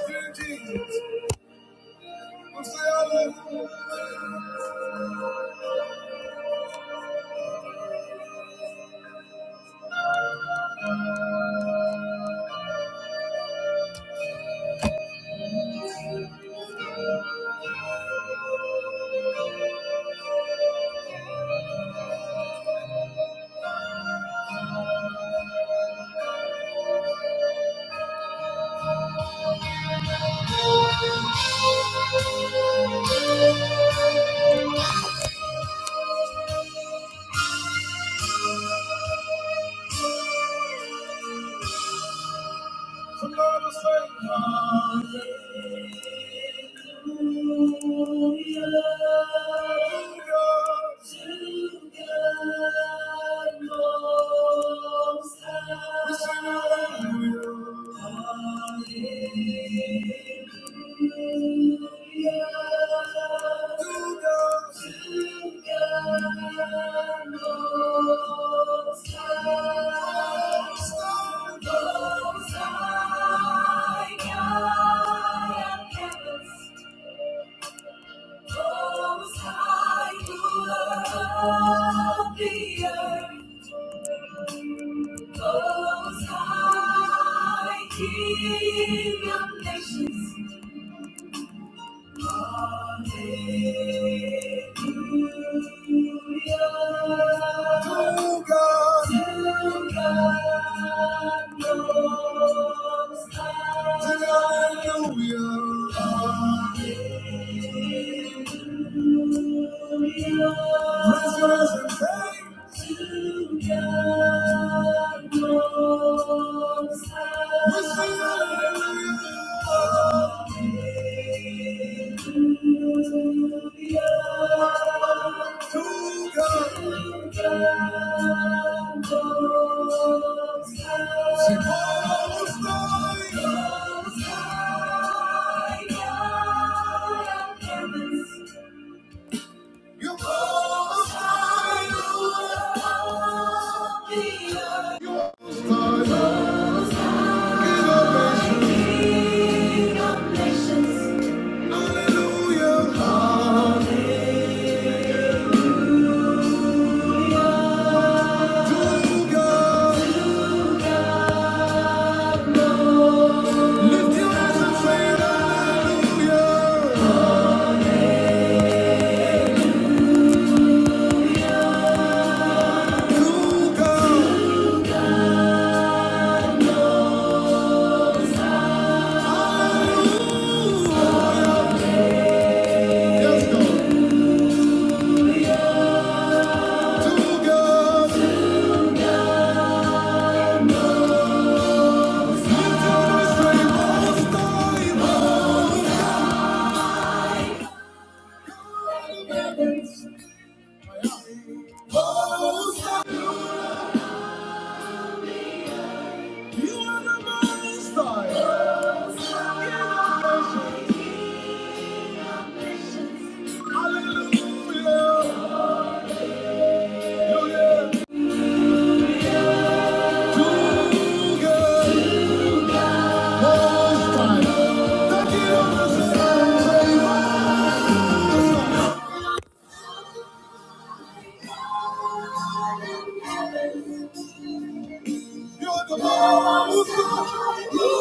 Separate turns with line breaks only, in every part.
Hallelujah. To God, to God. To God, to God, hallelujah. Praise God and thanks. Lift your hands and say hallelujah to God. Hallelujah. You're the most holy.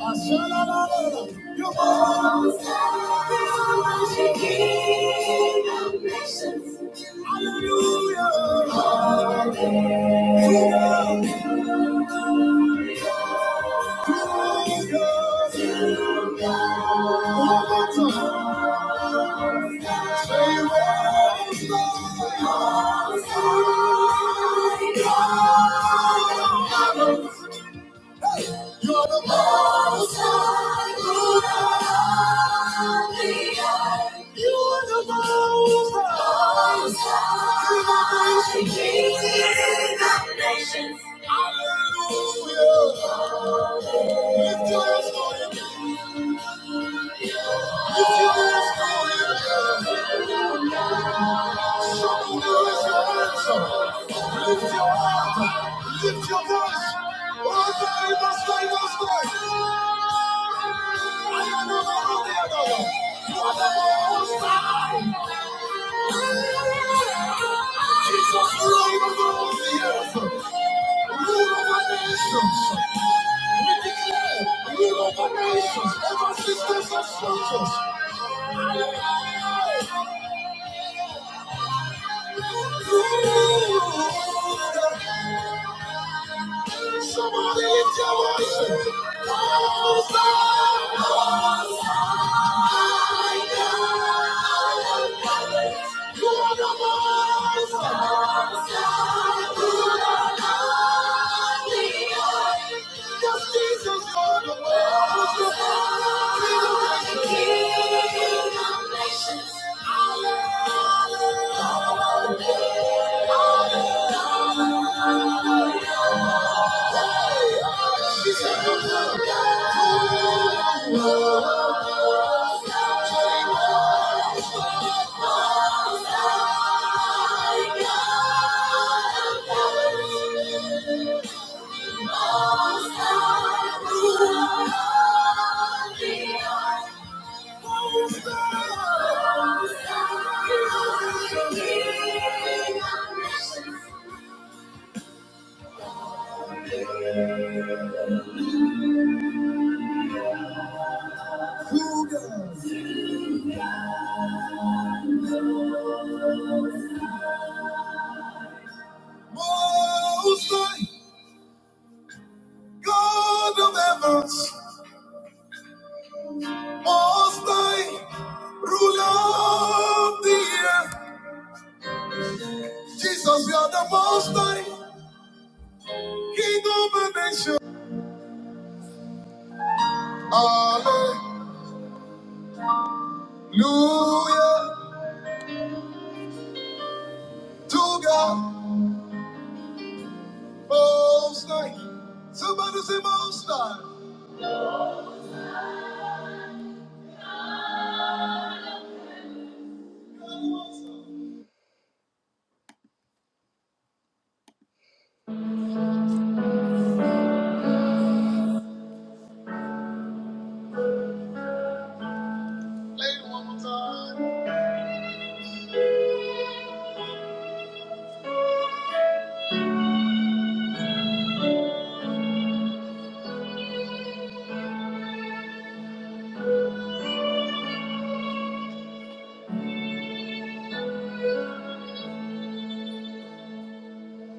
I said, You're most holy. King of nations. Hallelujah. Hallelujah. Hallelujah. One more time. Say, You're most holy. You're the most high ruler of the earth. You are the most high. King of nations. nations. Hallelujah. Lift your hands for him. Lift your hands for him. Show the world your hands. Lift your heart. Lift your voice. Oh, God, you must, you must, I. Jesus, reign over the earth. Rule over nations. We declare rule over nations, over systems of structures. Somebody lift your voice. Hosanna, Hosanna. You are the most Hosanna, you are the Lord. Yes, Jesus, you are the most Hosanna, King of Kings most high you. are the who does? Most High, God of heavens, Most High, ruler of the earth. Jesus, you are the Most High, King of the nation. Hallelujah to God, Most High. Somebody say Most High.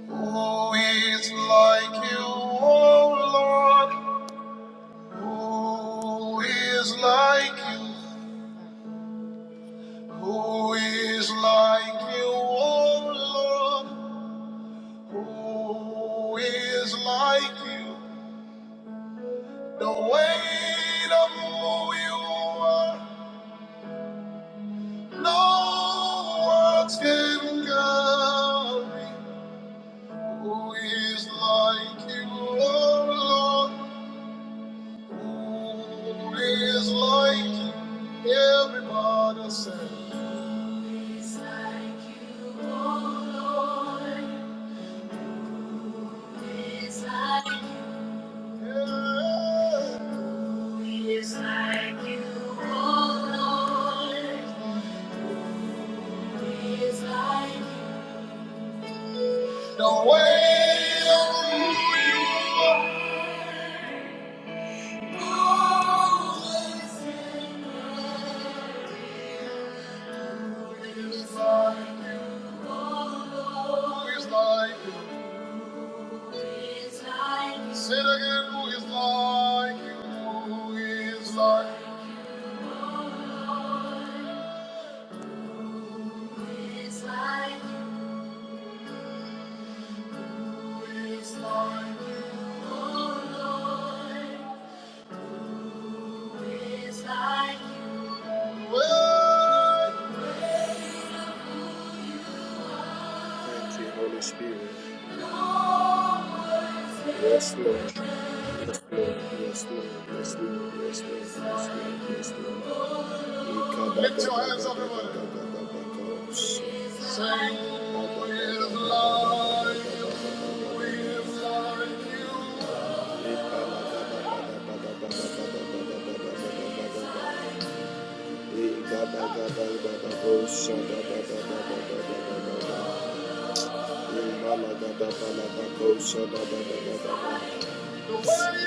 Who is like you, O Lord? Who is like you? Who is like you, O Lord? Who is like you? The weight of who you are, no words can carry. Who is like you, O Lord? Who is like you? Everybody say. Who Is like you, oh Lord. Who Is like you. Yeah. Who is like you, oh Lord. Who Is like you. The way of you are. Always and forever. Who Is like you, oh Lord. Who Is like you. Say it again, who is like you? Who is like Who is like you? Who is like you? Oh Lord, who is like you? Well, Thank you, Holy Spirit. Yes, Lord. Yes, Lord. Yes, Lord. Yes, Lord. Yes, Lord. Yes, Lord. Yes, Lord. Lift your hands everybody. Sing, we love you, we love you.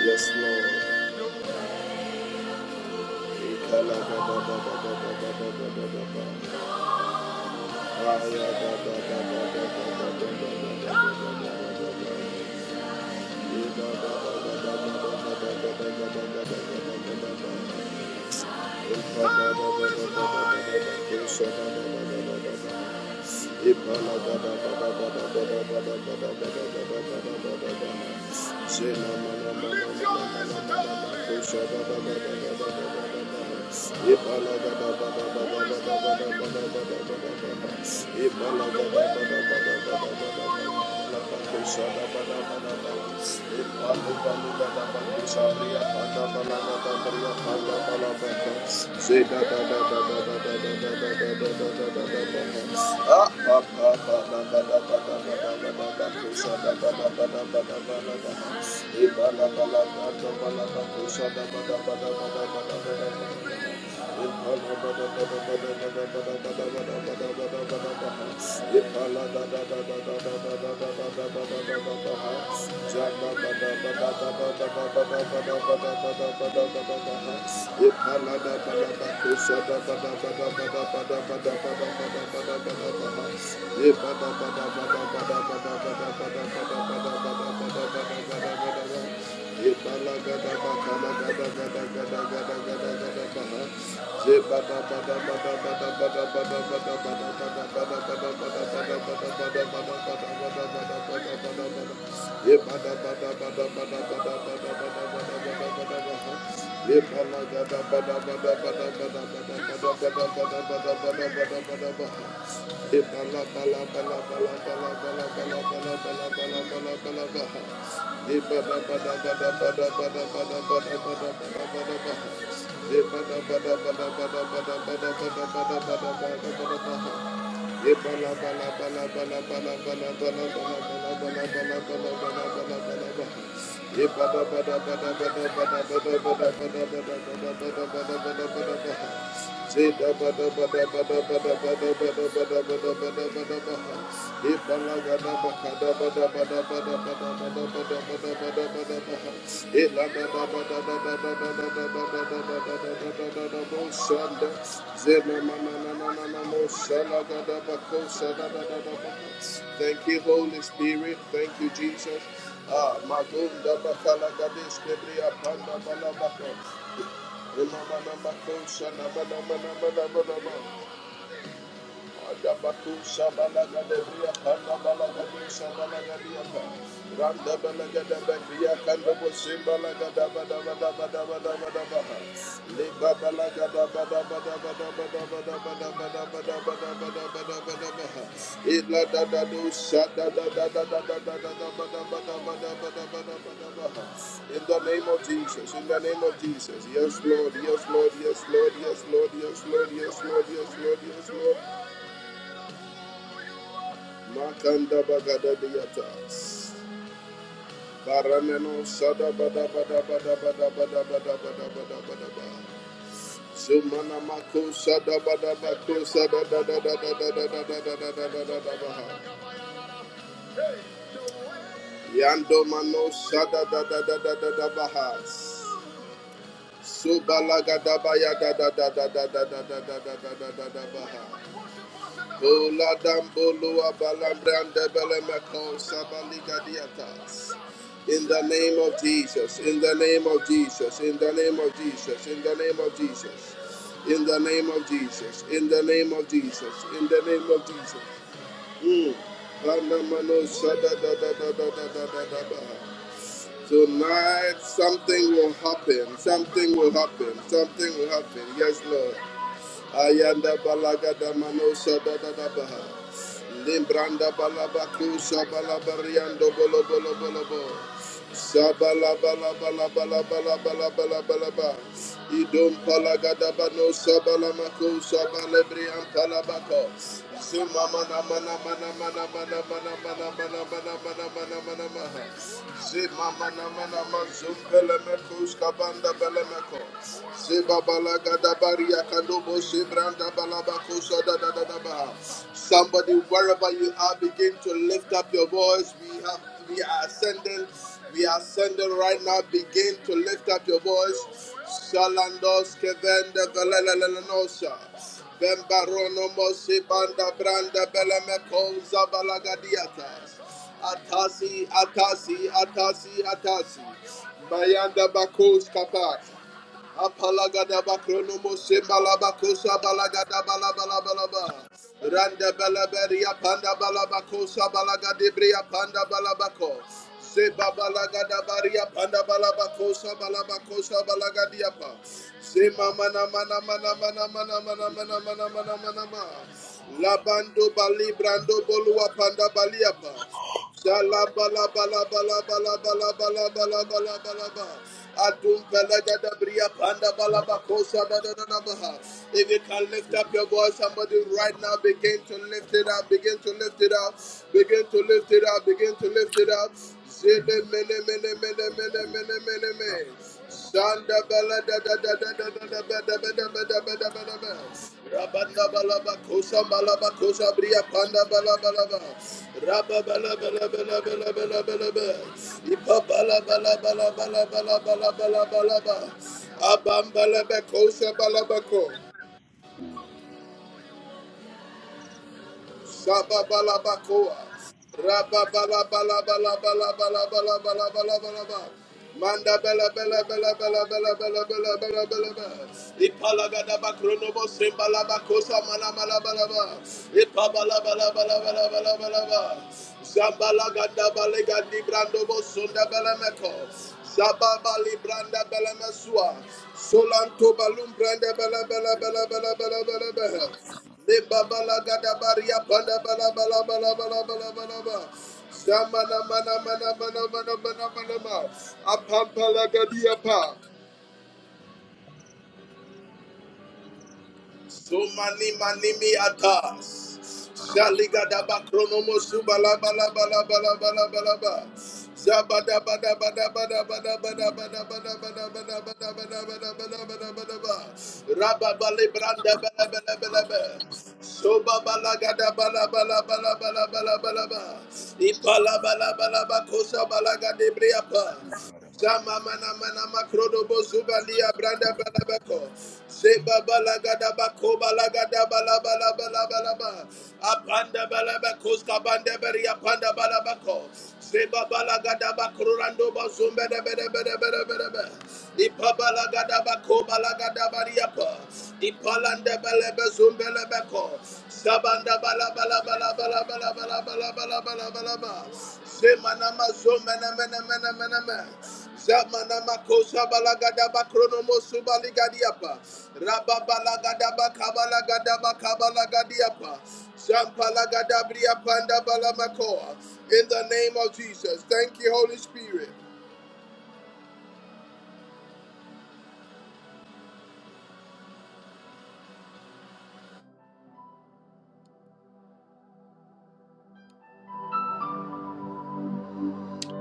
Yes, Lord. Thank you. Thank you. Thank you. Thank you. Zebra Ye Thank you, Holy Spirit. Thank you, Jesus. Ah, Magunda Bakala Gadesh Kebria Panda Balabaka. Ela ba la ba ko sha la ba la ba la ba la ba la ba. In the name of Jesus. In the name of Jesus. Yes, Lord. Yes, Lord. Yes, Lord. Yes, Lord. Yes, Lord. Yes, Lord. Yes, Lord. Yes, Lord. Makanda bagada diatas. Barameno sada bada bada bada bada bada bada bada bada bada ba. Zumana mako sada bada bako sada da da da da da da da da da da da da ba. Yando mano sada da da da da da da ba. Subalaga da ba ya da da da da da da da da da da da ba. Oladamboloa balambrande belemeko sabaligadiatas. In the name of Jesus, in the name of Jesus, in the name of Jesus, in the name of Jesus, in the name of Jesus, in the name of Jesus, in the name of Jesus. Mm. Banamano shada da da da da da da da da da. Tonight something will happen, something will happen, something will happen. Yes, Lord. Ayanda balagada manosha da da da baha. Limbranda balabaku shabala bariando bolo bolo bolo bo. Sabalabalabalabalabalabalabalaba. Idom palagadabano sabalamako sabalebri ampalabako. Zimamana mana mana mana mana mana mana mana mana mana mana mana mana. Zimamana mana mazum belemeko skabanda belemeko. Zibabalagadabaria kadobo zibranda balabako sadadadadaba. Somebody, wherever you are, begin to lift up your voice. We have, we are ascending. We are sending right now. Begin to lift up your voice. Shalandos kevende velelelelenosa. Bembarono mosi banda branda beleme kouza balagadiatas. Atasi, atasi, atasi, atasi. Bayanda bakous kapa. Apalagada bakronomo sembalabakosa balagada balabala balaba. Randa balaberia panda balabakosa balagadibria panda balabako. Seba balagada baria panda balabakosa balabakosa balagadiapa. Sema mana mana mana mana mana mana mana mana mana mana mana. Labando bali brando bolua panda baliapa. Adum Balaga da Bria Panda Balaba Kosa da da da If you can lift up your voice, somebody right now begin to lift it up, begin to lift it up, begin to lift it up, begin to lift it up. Zele mele mele mele mele
Thank
mele mele mele. Shanda bala da da da da da da da ba da ba da ba da ba da ba da ba. Rabanda bala ba kosha bala ba kosha bria panda bala bala ba. Rabba bala bala bala bala bala bala ba. Ipa bala bala bala bala bala bala bala bala ba. Abam bala ba kosha bala ba ko. Shababalabakoa. Rababalabalabalabalabalabalabalabalabalaba. Manda bela bela bela bela bela bela bela bela bela bela. Ipalagada bakronobo sembala bakosa mana mana bala ba. Ipabala bala bala bala bala bala ba. Zambala gada balega di brando bo sonda bela meko. Zababa libranda bela mesua. Solanto balum branda bela bela bela bela bela bela bela. Lebabalagadabaria palabalabalabalabalabalaba. Zamana mana mana mana mana mana mana mana. Apampalagadiapa. Sumani manimi atas. Zaligadaba kronomo subala bala bala bala bala bala ba. la ba la ba la ba. Zabada bada bada bada bada bada bada bada bada bada bada bada bada bada bada bada ba. da ba da ba da ba da ba da ba da ba da ba. Raba bale branda bala bala bala ba. la ba. Soba bala gada bala bala bala bala bala bala ba. Ipala bala bala ba la ba la ba. Ipa la ba la ba la ba kosa bala gade briapa.
you.
Zama mana mana makrodo bozuba liya branda bala bako. Zeba bala bako bala gada balabala bala bala bala ba. Apanda bala bako skabanda beri apanda bala bako. Zeba bala gada bakro rando bazumbe de bere bere be de be in the name of Jesus. Thank you, Holy Spirit.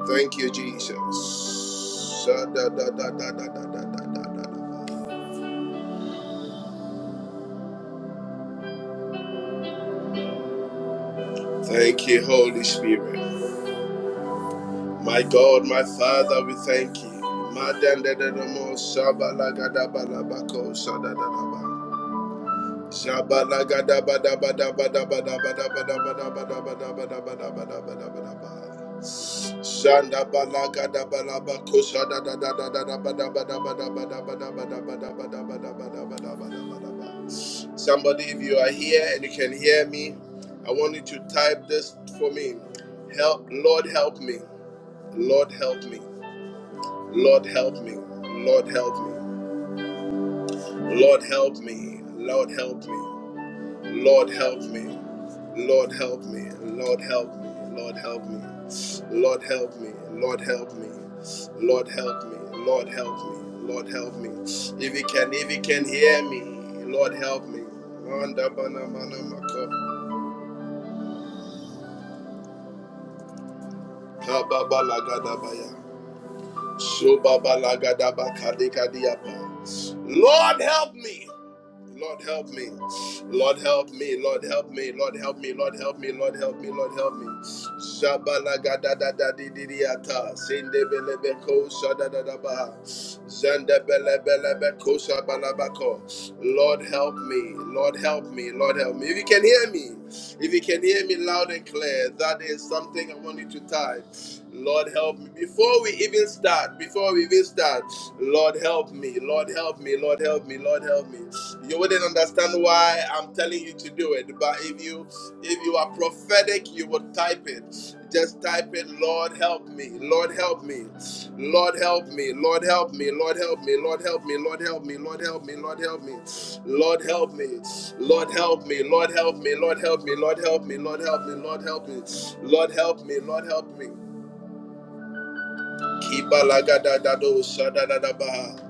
Thank you, Jesus. Sha-da-da-da-da-da-da-da-da-da. Thank you, Holy Spirit. My God, my Father, we thank you. Ma-da-da-da-da-mo, la ga ba la ba ko da da ba Somebody, if you are here and you can hear me, I want you to type this for me. Help, Lord, help me. Lord, help me. Lord, help me. Lord, help me. Lord, help me. Lord, help me. Lord help me. Lord help me. Lord help me. Lord help me. Lord help me. Lord help me. Lord help me. Lord help me. Lord help me. If you can, if you can hear me, Lord help me. Manda bana mana mako. Kababa lagadabaya. Lord help me. Lord help me. Lord help me. Lord help me. Lord help me. Lord help me. Lord help me. Lord help me. Shabala gada da da di di di ata. Sinde bele beko shada da da ba. Zende bele bele beko shabala bako. Lord help me. Lord help me. Lord help me. If you can hear me, if you can hear me loud and clear, that is something I want you to type. Lord, help me. Before we even start, before we even start, Lord, help me. Lord, help me. Lord, help me. Lord, help me. You wouldn't understand why I'm telling you to do it, but if you if you are prophetic, you would type it. Just type it, Lord, help me. Lord, help me. Lord, help me. Lord, help me. Lord, help me. Lord, help me. Lord, help me. Lord, help me. Lord, help me. Lord, help me. Lord, help me. Lord, help me. Lord, help me. Lord, help me. Lord, help me. Lord, help me. Lord, help me. Lord, help me. Kibalagadadado shadadadabaha.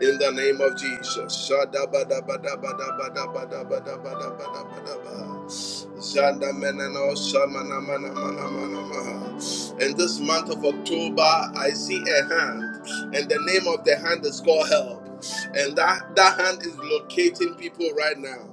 In the name of Jesus. Shadabadabadabadabadabadabadabadabadabadabadabaha. Zandamanano shamanamanamanamanaha. In this month of October, I see a hand, and the name of the hand is called help and that that hand is locating people right now.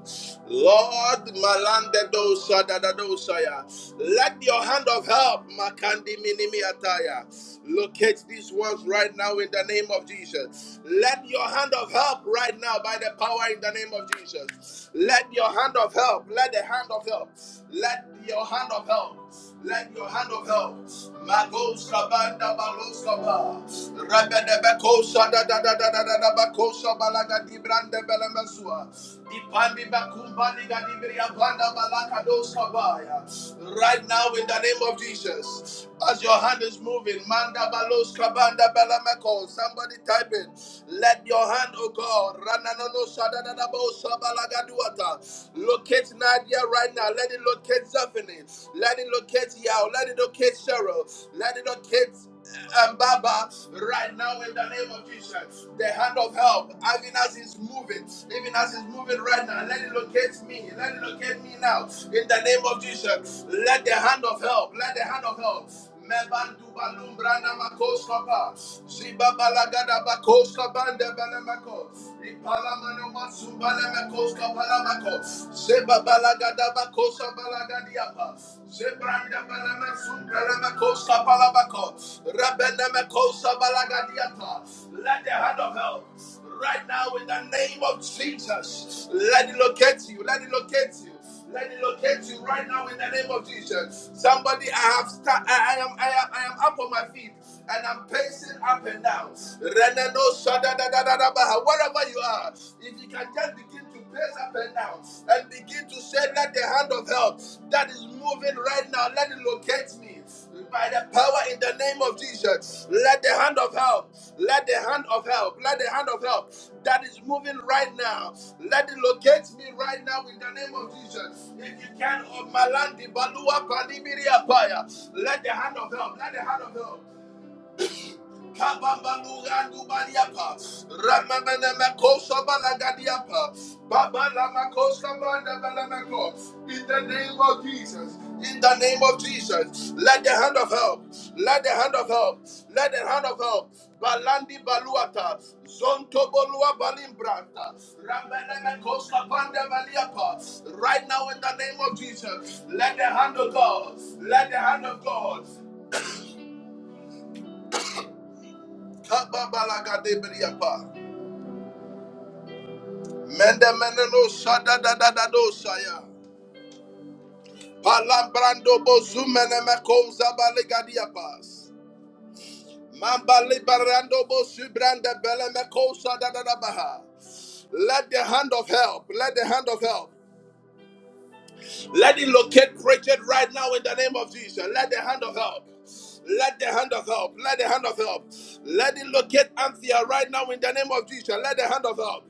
Lord, malandado sadadado saya. Let your hand of help, makandi minimi ataya, locate these ones right now in the name of Jesus. Let your hand of help right now by the power in the name of Jesus. Let your hand of help, let the hand of help, let your hand of help. Let your hand of help. Magos kabanda balos kaba. Rabende beko shada da da da da da da bako balaga. di brande belemesua. Ipandi bakumbani liga di bria banda balaka dos kabaya. Right now in the name of Jesus. As your hand is moving, Manda Balos Kabanda Balamako, somebody type in. Let your hand, oh God, Rananono Shadadadabo Shabalagaduata. Locate Nadia right now. Let it locate Zephany. Let it locate Yao. Let it locate Cheryl. Let it locate and Baba right now in the name of Jesus. The hand of help, even as it's moving, even as it's moving right now, let it locate me. Let it locate me now in the name of Jesus. Let the hand of help, let the hand of help. Mebandu balumbra na makoskapa. Zibabalagada bakoskapa ndebelemako. Ipalamano masumbalemakoskapa lamako. Let the hand of help right now in the name of Jesus. Let it locate you. Let it locate you. Let it locate you right now in the name of Jesus. Somebody, I have sta- I, I am I am I am up on my feet and I'm pacing up and down. Renano shadadadadadabaha. Wherever you are, if you can just begin to pace up and down and begin to say, Let the hand of help that is moving right now, let it locate me. By the power in the name of Jesus, let the hand of help, let the hand of help, let the hand of help that is moving right now, let it locate me right now in the name of Jesus. If you can, of Malandi Balua Panimiri Apaya, let the hand of help, let the hand of help. In the name of Jesus, in the name of Jesus, let the hand of help, let the hand of help, let the hand of help, Balandi Baluata, Zontobolua Balimbranta, Ramelemekoskapandabaliapa. right now in the name of Jesus, let the hand of God, let the hand of God, Kababalagadebeliapa. Mendemeneno shada da da da do shaya. Palambrando bo zumene me kouza pas. Mamba liberando bo subrande bele me da da baha. Let the hand of help, let the hand of help. Let it locate Pritchard right now in the name of Jesus. Let the hand of help. Let the hand of help. Let the hand of help. Let it locate Anthea right now in the name of Jesus. Let the hand of help.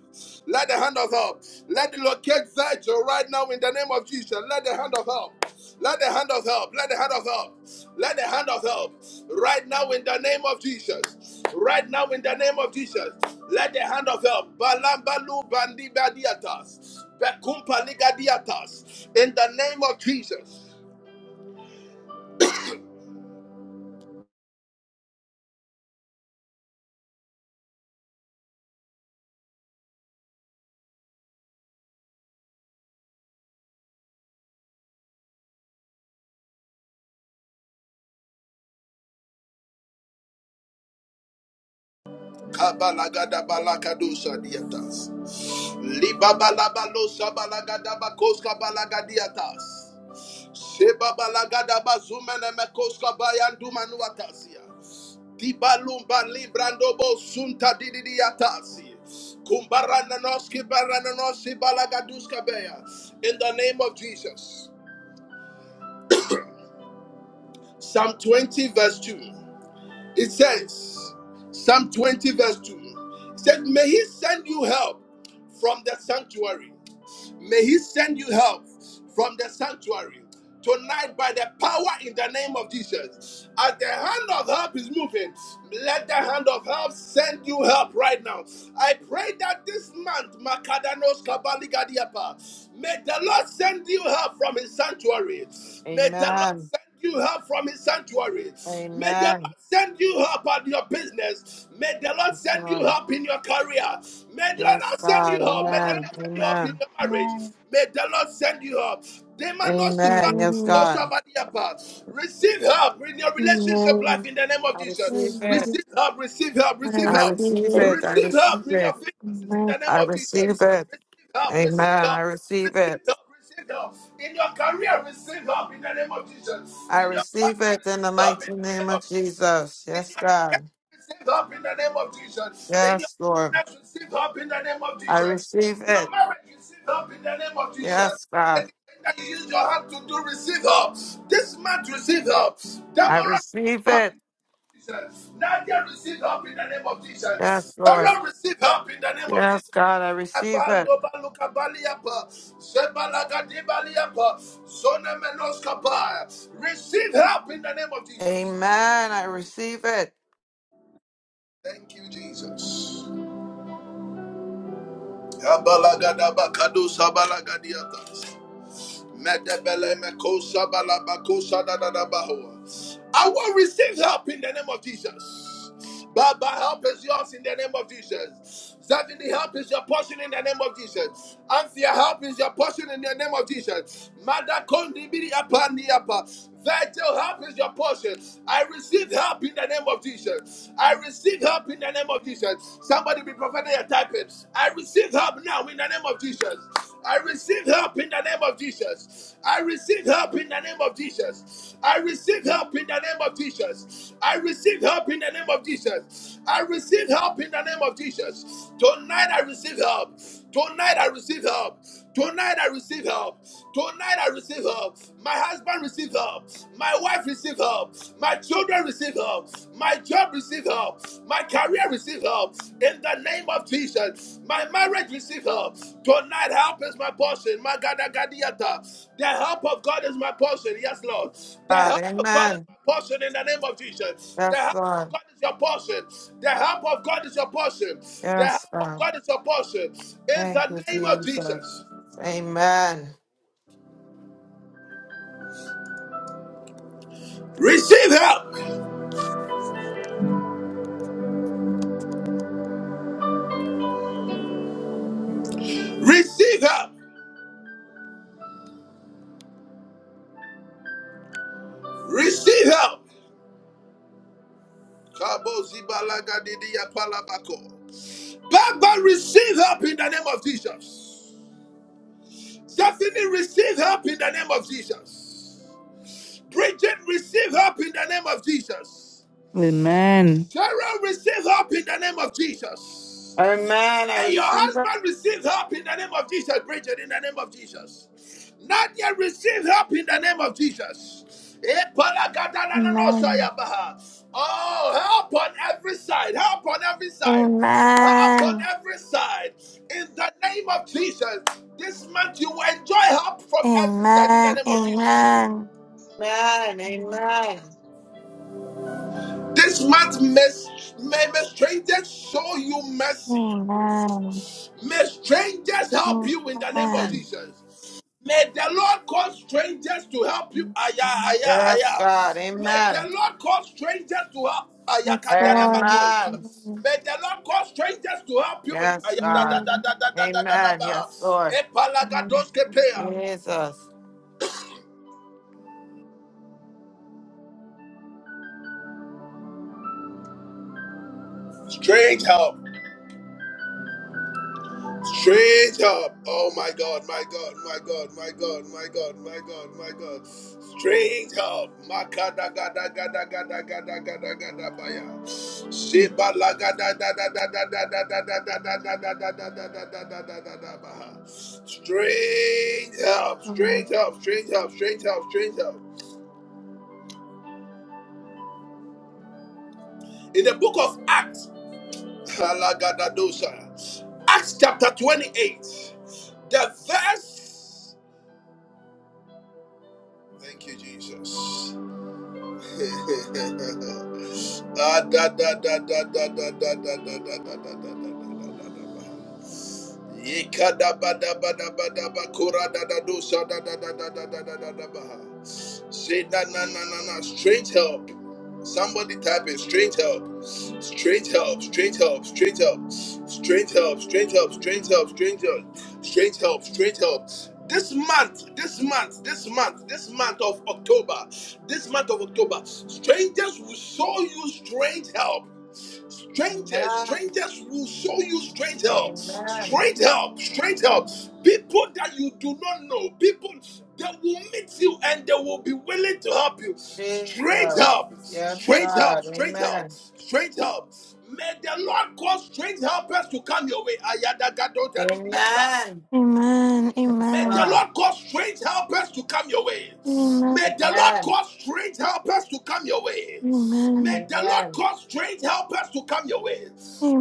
Let the hand of help. Let it locate Virgil right now in the name of Jesus. Let the hand of help. Let the hand of help, let the hand of help, let the hand of help right now in the name of Jesus. Right now in the name of Jesus, let the hand of help. Balambalu bandibadiatas, bekumpaligadiatas, in the name of Jesus. Kabalagada balakadusa diatas, Libabalabalosa Balagada bakoska balagadiatas. Sebabalagada zumene mekoska bayandu manuatasia. Dibalumba librandobo sunta dididiatasi. Kumbarananoski barananosi balagaduska beya. In the name of Jesus. Psalm 20 verse 2. It says, Psalm 20, verse 2. It says, May he send you help from the sanctuary. May he send you help from the sanctuary. Tonight, by the power in the name of Jesus, as the hand of help is moving, let the hand of help send you help right now. I pray that this month, Makadanos Kabaligadiapa, may the Lord send you help from his sanctuary. May the Lord
Amen.
send you help from his sanctuary. May the Lord
Amen.
send you help at your business. May the Lord
Yes,
send you
Lord.
help in your career. May the
Yes,
Lord send you
God.
help. May the
Amen.
Lord send you help in
Amen.
your marriage.
Amen.
May the Lord send you help. Demano
Amen.
shibana
Yes,
Amen.
God.
Koshavadiapa. Receive help in your relationship life in the name
I
of
receive
Jesus.
it.
Amen.
Receive help, receive help,
I
receive
I
help.
receive
receive
it.
it. I
Receive
receive
help in your
it.
finances in
Amen.
the name
I
of
receive
Jesus
it.
help, receive
Amen. I
help,
receive
receive
it.
help, receive help. In your career, receive help in the name of Jesus.
I
In your
receive
family,
it
receive
in the
help in
mighty
the
name
name of
of
Jesus.
Jesus.
In
Yes,
your education,
God.
receive help in the name of Jesus. In your
Yes, Lord.
business, receive help in the name of
I
Jesus.
receive
In your
it.
marriage, receive help in the name of Jesus.
Yes, God.
Anything that you use your hand to do, receive help. This month, receive help.
I
Tomorrow, receive
receive
help
it.
in Jesus. Nadia receive help in the name of Jesus.
Yes, Lord.
Sarah receive help in the name of Jesus.
Yes, God. I receive it.
Abando baluka baliapa, zebalaga di baliapa, zone menos kapaya. Receive help in the name of Jesus.
Amen. I receive it.
Thank you, Jesus. Abalagada bakado sabalagadiata. I will receive help in the name of Jesus. Baba, help is yours in the name of Jesus. Certainly, help is your portion in the name of Jesus. Anthea, help is your portion in the name of Jesus. Mother, Kondi, Bidi, Apa, Niapa. Virgil, help is your portion. I receive help in the name of Jesus. I receive help in the name of Jesus. Somebody be prophetic and type it. I receive help now in the name of Jesus. I receive help in the name of Jesus. I receive help in the name of Jesus. I receive help in the name of Jesus. I receive help in the name of Jesus. I receive help in the name of Jesus. Tonight I receive help. Tonight I receive help. Tonight I receive help. Tonight I receive help receive help. My husband receive help. My wife receive help. My children receive help. My job receive help. My career receive help. In the name of Jesus, my marriage receive help. Tonight, help is my portion. My God, I The help of God is my portion. Yes, Lord. The
God.
help of God is
Amen.
my portion. In the name of Jesus, the
Yes,
help of
Lord.
God is your portion. The help of God is your portion. The help
Yes,
of
God.
God is your portion. In
Thank
the
you,
name of
Jesus.
Jesus,
Amen.
receive help. Receive help. Receive help. Kabo zibalaga didiya palabako. Baba, receive help in the name of Jesus. Stephanie, receive help in the name of Jesus. Bridget, receive help in the name of Jesus.
Amen.
Sarah, receive help in the name of Jesus.
Amen. I
And your
receive it.
husband receive help in the name of Jesus, Bridget, in the name of Jesus. Nadia, receive help in the name of Jesus.
Amen.
Oh, help on every side, help on every side, help on
Amen.
every side. In the name of Jesus, this month you will enjoy help from every side in the
Amen.
name of Jesus.
Amen.
Amen. Amen.
This month, may, may may strangers show you mercy.
Amen.
May strangers help you in the name of
Amen.
Amen.
Jesus. May the Lord cause strangers to help you. Aya,
Amen.
aya,
Yes,
aya.
God.
May the
Amen.
Lord cause strangers to help. Aya,
Yes,
kadana
Lord.
makosa.
Amen.
Amen.
May the Lord cause strangers to help you in.
Yes,
Aya, da, da,
God.
da,
Amen.
da, da, da, da, da, da,
Amen.
ba.
Yes, Lord.
Amen.
Epalagadoske pea.
Jesus.
Strange help. Straight up. Oh my God, my God, my God, my God, my God, my God, my God. Straight up. Makada gada gada gada gada gada gada baya.
Yes,
Sheba la gada da da da da da da da da da da da da da da da da da da da da da baha. Straight up,
Lord.
straight up, straight up, straight up, straight up. In the book of Acts, Halagadadosa. Acts chapter 28, the verse. Thank you, Jesus. Ah, da, da, da, da, da, da, da, da, da, da, da, da, da, da, da, da, da, da. Say na na na na strange help. Somebody type in strange help. Strange help, strange help, strange help, strange help, strange help, strange help, strange help, strange help, strange help. This month, this month, this month, this month of October, this month of October, strangers will show you strange help. Strangers,
Amen.
strangers will show you strange help.
Amen.
Strange help, strange help. People that you do not know, people that will meet you and they will be willing to help you. Strange
Jesus.
help,
Yes,
strange help,
God.
strange
Amen.
help, strange help. May the Lord cause strange helpers to come your way. Ayadagadodadidiatas.
Amen.
Amen.
Yes,
May
Amen.
the
God.
Lord cause strange helpers to come your way.
Amen.
May the Lord
Amen.
cause strange helpers to come your way. May
Amen.
the Lord
Amen.
cause strange helpers to come your way.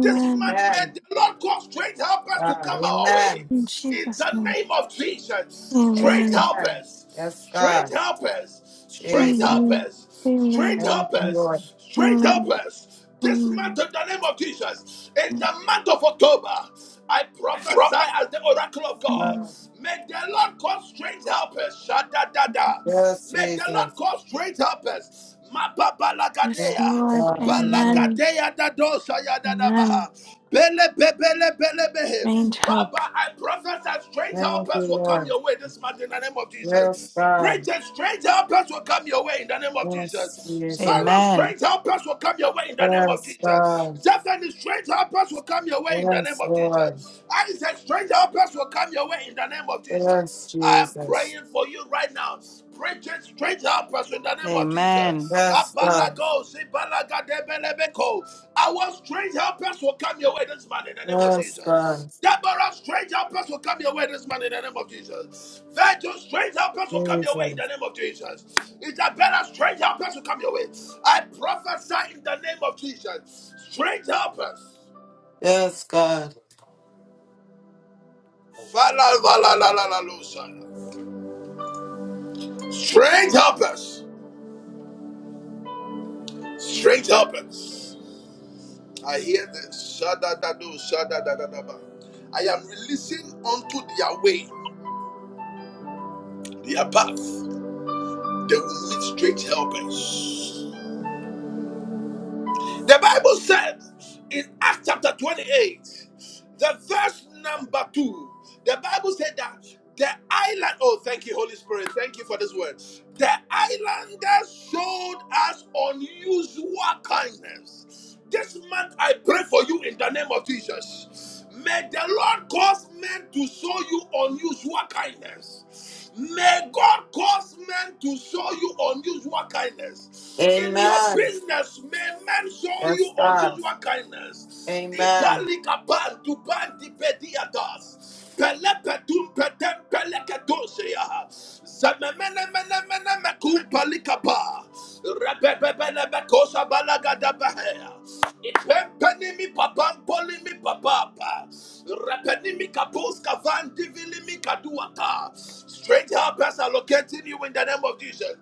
This month, may
Amen.
the Lord cause strange helpers to
God.
come our
Amen.
way.
In
In
Jesus'
the
name.
name of Jesus, strange
Amen.
helpers.
Yes,
Strange
God.
helpers, strange
Jesus.
Amen.
helpers, strange
Amen.
Thank you, Lord.
helpers, strange
Amen.
helpers. This month,
Amen.
in the name of Jesus, in the month of October, I prophesy as the oracle of God.
Amen.
Lord.
May the Lord cause strange helpers. Shadadada.
Yes,
May the Lord
Jesus.
cause great helpers. Mapa
Yes,
Yes,
balagadea.
Lord.
God. Amen.
Amen.
Balagadea da dosa ya
Amen.
Bele bele bele behe.
Range help.
Baba, I prophesy that strange
Thank you,
helpers will come
Lord.
your way this month in the name of
Yes,
Jesus. Great
God.
and strange helpers will come your way in the name of
Yes,
Jesus.
Jesus.
Sorrow,
Amen.
strange helpers will come your way in the name of
Yes,
Jesus.
God.
Zephany, strange helpers will come your way in the name
Yes,
of
Lord.
Jesus. Isaac, strange helpers will come your way in the name of
Yes,
Jesus. I am
Jesus.
praying for you right now. Preach it straight up us in the name of
Amen.
Jesus.
Yes, God.
Abalago, zibalaga debelebeko. Our strange helpers will come your way this man in the name of
Yes,
Jesus.
God.
Deborah, strange helpers will come your way this man in the name of Jesus. Virgil, strange helpers will come your way in the
Jesus.
name of Jesus. Isabella, strange helpers will come your way. I prophesy in the name of Jesus. Strange helpers.
Yes, God.
Fala, Strange helpers. Strange helpers. I hear the shadadado, shadadadadaba. I am releasing unto their way, their path. They will meet straight helpers. The Bible says in Acts chapter 28, the verse number two, the Bible said that the island, oh, thank you, Holy Spirit, thank you for this word. The islanders showed us unusual kindness. This month, I pray for you in the name of Jesus. May the Lord cause men to show you unusual kindness. May God cause men to show you unusual kindness. In your
Amen.
business, may men show you
Yes, God.
unusual kindness.
Amen.
Ipalikapan tupan tipediatas. Pelepetum petem peleketosea. Zememenemenemenemekum palikapa. Repepepenemekosa balagadabahea. Ipempenimi papam polimi papapa. Repenimi kapos kavan divili mi kaduata. Strange helpers are locating you in the name of Jesus.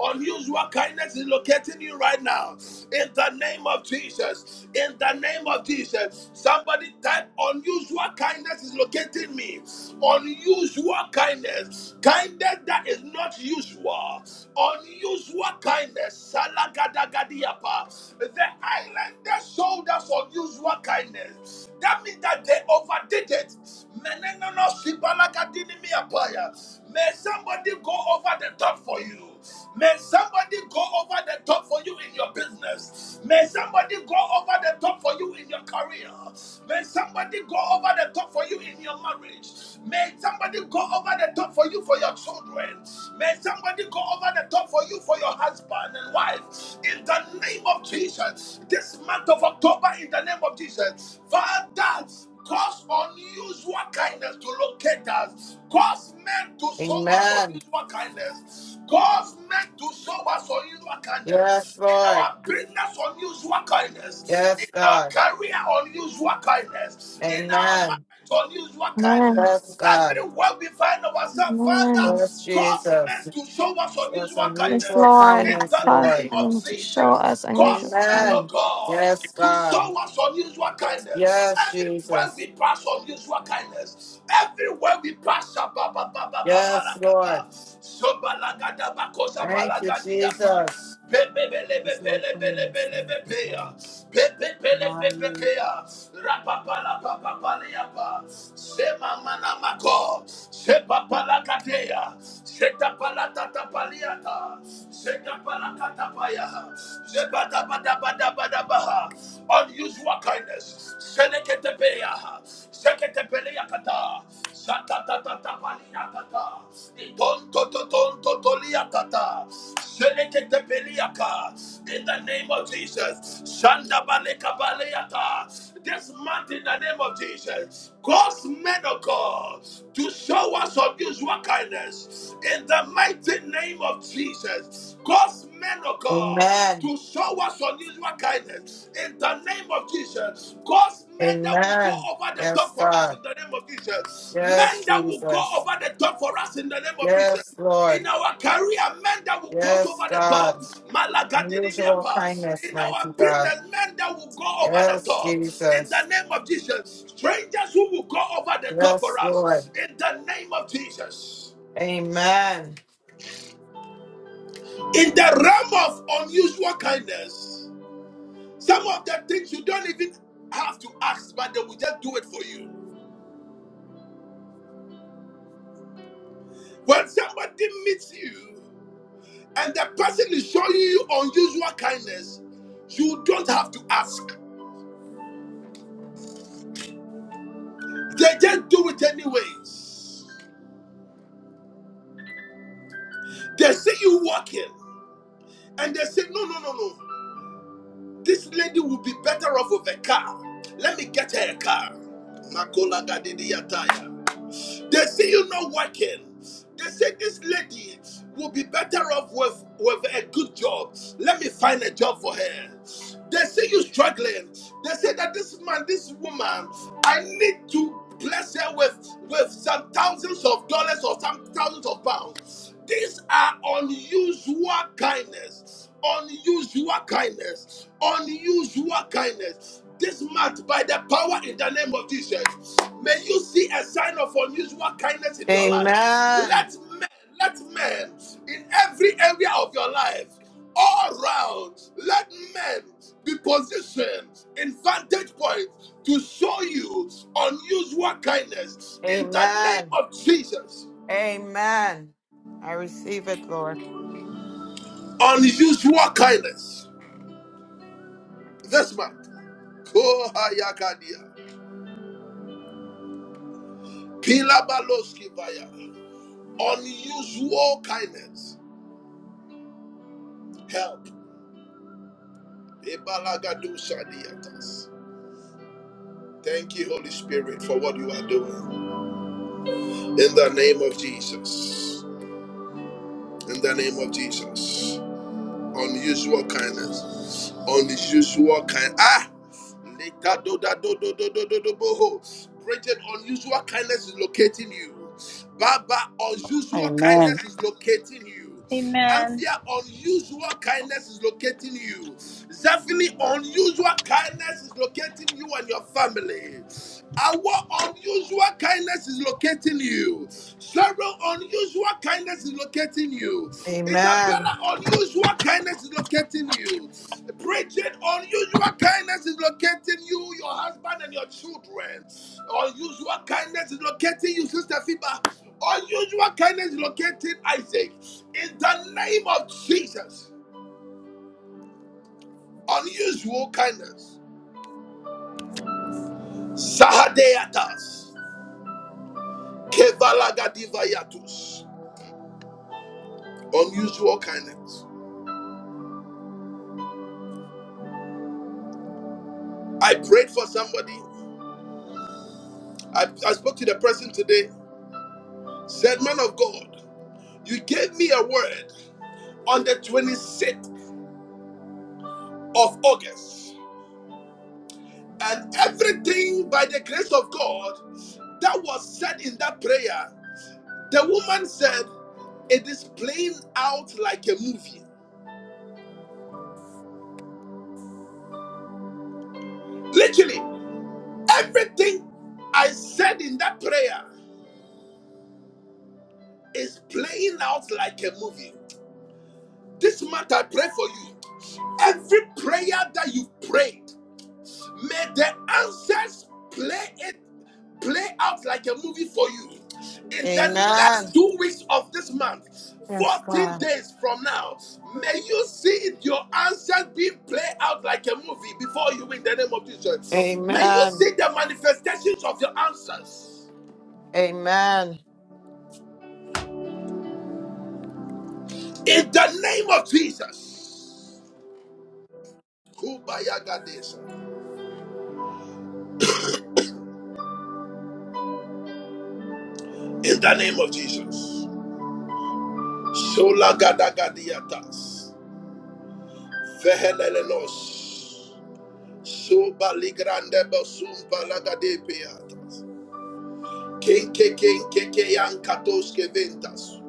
Unusual kindness is locating you right now. In the name of Jesus. In the name of Jesus. Somebody type unusual kindness is locating me. Unusual kindness. Kindness that is not usual. Unusual kindness. Salagadagadiapa. The islanders showed us unusual kindness. That means that they overdid it. Menenono sibalakadinimiapaya. May somebody go over the top for you. May somebody go over the top for you in your business. May somebody go over the top for you in your career. May somebody go over the top for you in your marriage. May somebody go over the top for you for your children. May somebody go over the top for for you, for your husband and wife. In the name of Jesus, this month of October, in the name of Jesus, Father, cause unusual kindness to locate us. Cause men to show us
Amen.
unusual kindness. Cause men to show us unusual kindness.
Yes,
In
Lord.
our business, unusual kindness.
Yes,
In our
God.
career, unusual kindness. In our
Amen.
unusual
Amen.
Yes,
kindness.
God.
Everywhere we find ourselves, Father,
Amen.
Yes,
cause men
Jesus.
to show us
Yes,
unusual
Yes,
unusual
kindness.
Lord.
In
kindness,
the
Cause
name
Lord.
of
them to show
Jesus,
us unusual.
cause men of
Amen.
God
Yes,
to
God.
show us unusual kindness.
Yes,
Everywhere
Jesus.
we pass unusual kindness. Everywhere we pass,
Yes, Lord.
Shababababababarakaba,
Thank you,
Sobalagadabakoshabalagadiaba,
Jesus. This Lord kindness, thank you, God.
Pebebelebepelebelebelebepeya, pele pepe
Hallelujah.
pea, rapapa la papa paleapa, sema mana mako, sepa pala katea, seta pala tata paliata, seta pala katapaya, seba daba daba daba daba, unusual kindness, selekete pea, sekete pelea kata, sata tata tapaliata, iton toto toto tolia kata, in the name of Jesus. Shanda baleka baleyata. This month in the name of Jesus. Cause men of God to show us unusual kindness. In the mighty name of Jesus. Cause men of God
Amen.
to show us unusual kindness. In the name of Jesus. Cause men that will go
Amen.
over the
Yes,
top for us
God.
in the name of Jesus.
Yes,
Men that will go
Jesus.
over the top for us in the name of Jesus.
Yes,
In
Lord.
our career, men that will go
Yes,
over the top.
God. Unusual
Malagadinimiapa.
kindness,
In
mighty
our
God.
business, men that will go over the
Yes,
top. In the
Jesus.
name of Jesus. Strangers who will go over the top for
Yes, Lord.
us. In the name of Jesus.
Amen.
In the realm of unusual kindness, some of the things you don't even have to ask, but they will just do it for you. When somebody meets you and the person is showing you unusual kindness, you don't have to ask. They just do it anyways. They see you walking and they say, no, no, no, no. This lady will be better off with a car. Let me get her a car. Makola gadidiyataya. They see you not working. They say this lady will be better off with, with a good job. Let me find a job for her. They see you struggling. They say that this man, this woman, I need to bless her with with some thousands of dollars or some thousands of pounds. These are unusual kindness, unusual kindness, unusual kindness. This month, by the power in the name of Jesus, may you see a sign of unusual kindness in your life.
Amen.
Let let men in every area of your life, all round, let men be positioned in vantage points to show you unusual kindness in the name
Amen.
of Jesus.
Amen. I receive it, Lord.
Unusual kindness. This month. Kohayakadia. Pilabaloski vaya. Unusual kindness. Help. Ibalagadushadiatas. Thank you, Holy Spirit, for what you are doing. In the name of Jesus. In the name of Jesus. Unusual kindness. Unusual kind. Ah! Lekadodadododododoboho. Bridget, unusual kindness is locating you. Baba, unusual
Amen.
kindness is locating you.
Amen.
Anthea, unusual kindness is locating you. Zephany, unusual kindness is locating you and your family. Our unusual kindness is locating you. Cheryl, unusual kindness is locating you. It's a
Amen.
better unusual kindness is locating you. Bridget, unusual kindness is locating you, your husband, and your children. Unusual kindness is locating you, Sister Fiba. Unusual kindness is locating Isaac. In the name of Jesus, unusual kindness. Sahadeatas. Kevalagadivayatus. Unusual kindness. I prayed for somebody. I, I spoke to the person today. Said, man of God. You gave me a word on the 26th of August, and everything by the grace of God that was said in that prayer, the woman said, It is playing out like a movie. Literally, everything I said in that prayer is playing out like a movie. This month I pray for you. Every prayer that you've prayed, May the answers play it play out like a movie for you. In the
Amen.
last two weeks of this month,
Yes,
14
God.
days from now, may you see your answers being played out like a movie before you in the name of Jesus. May you
Amen.
see the manifestations of your answers.
Amen.
In the name of Jesus. Kubaya Gadesa. In the name of Jesus. Shola Gadagadiatas. Vehelelenos. Soba ligrande basum palagadepeatas. Kenke kenke keyan katoske ventas.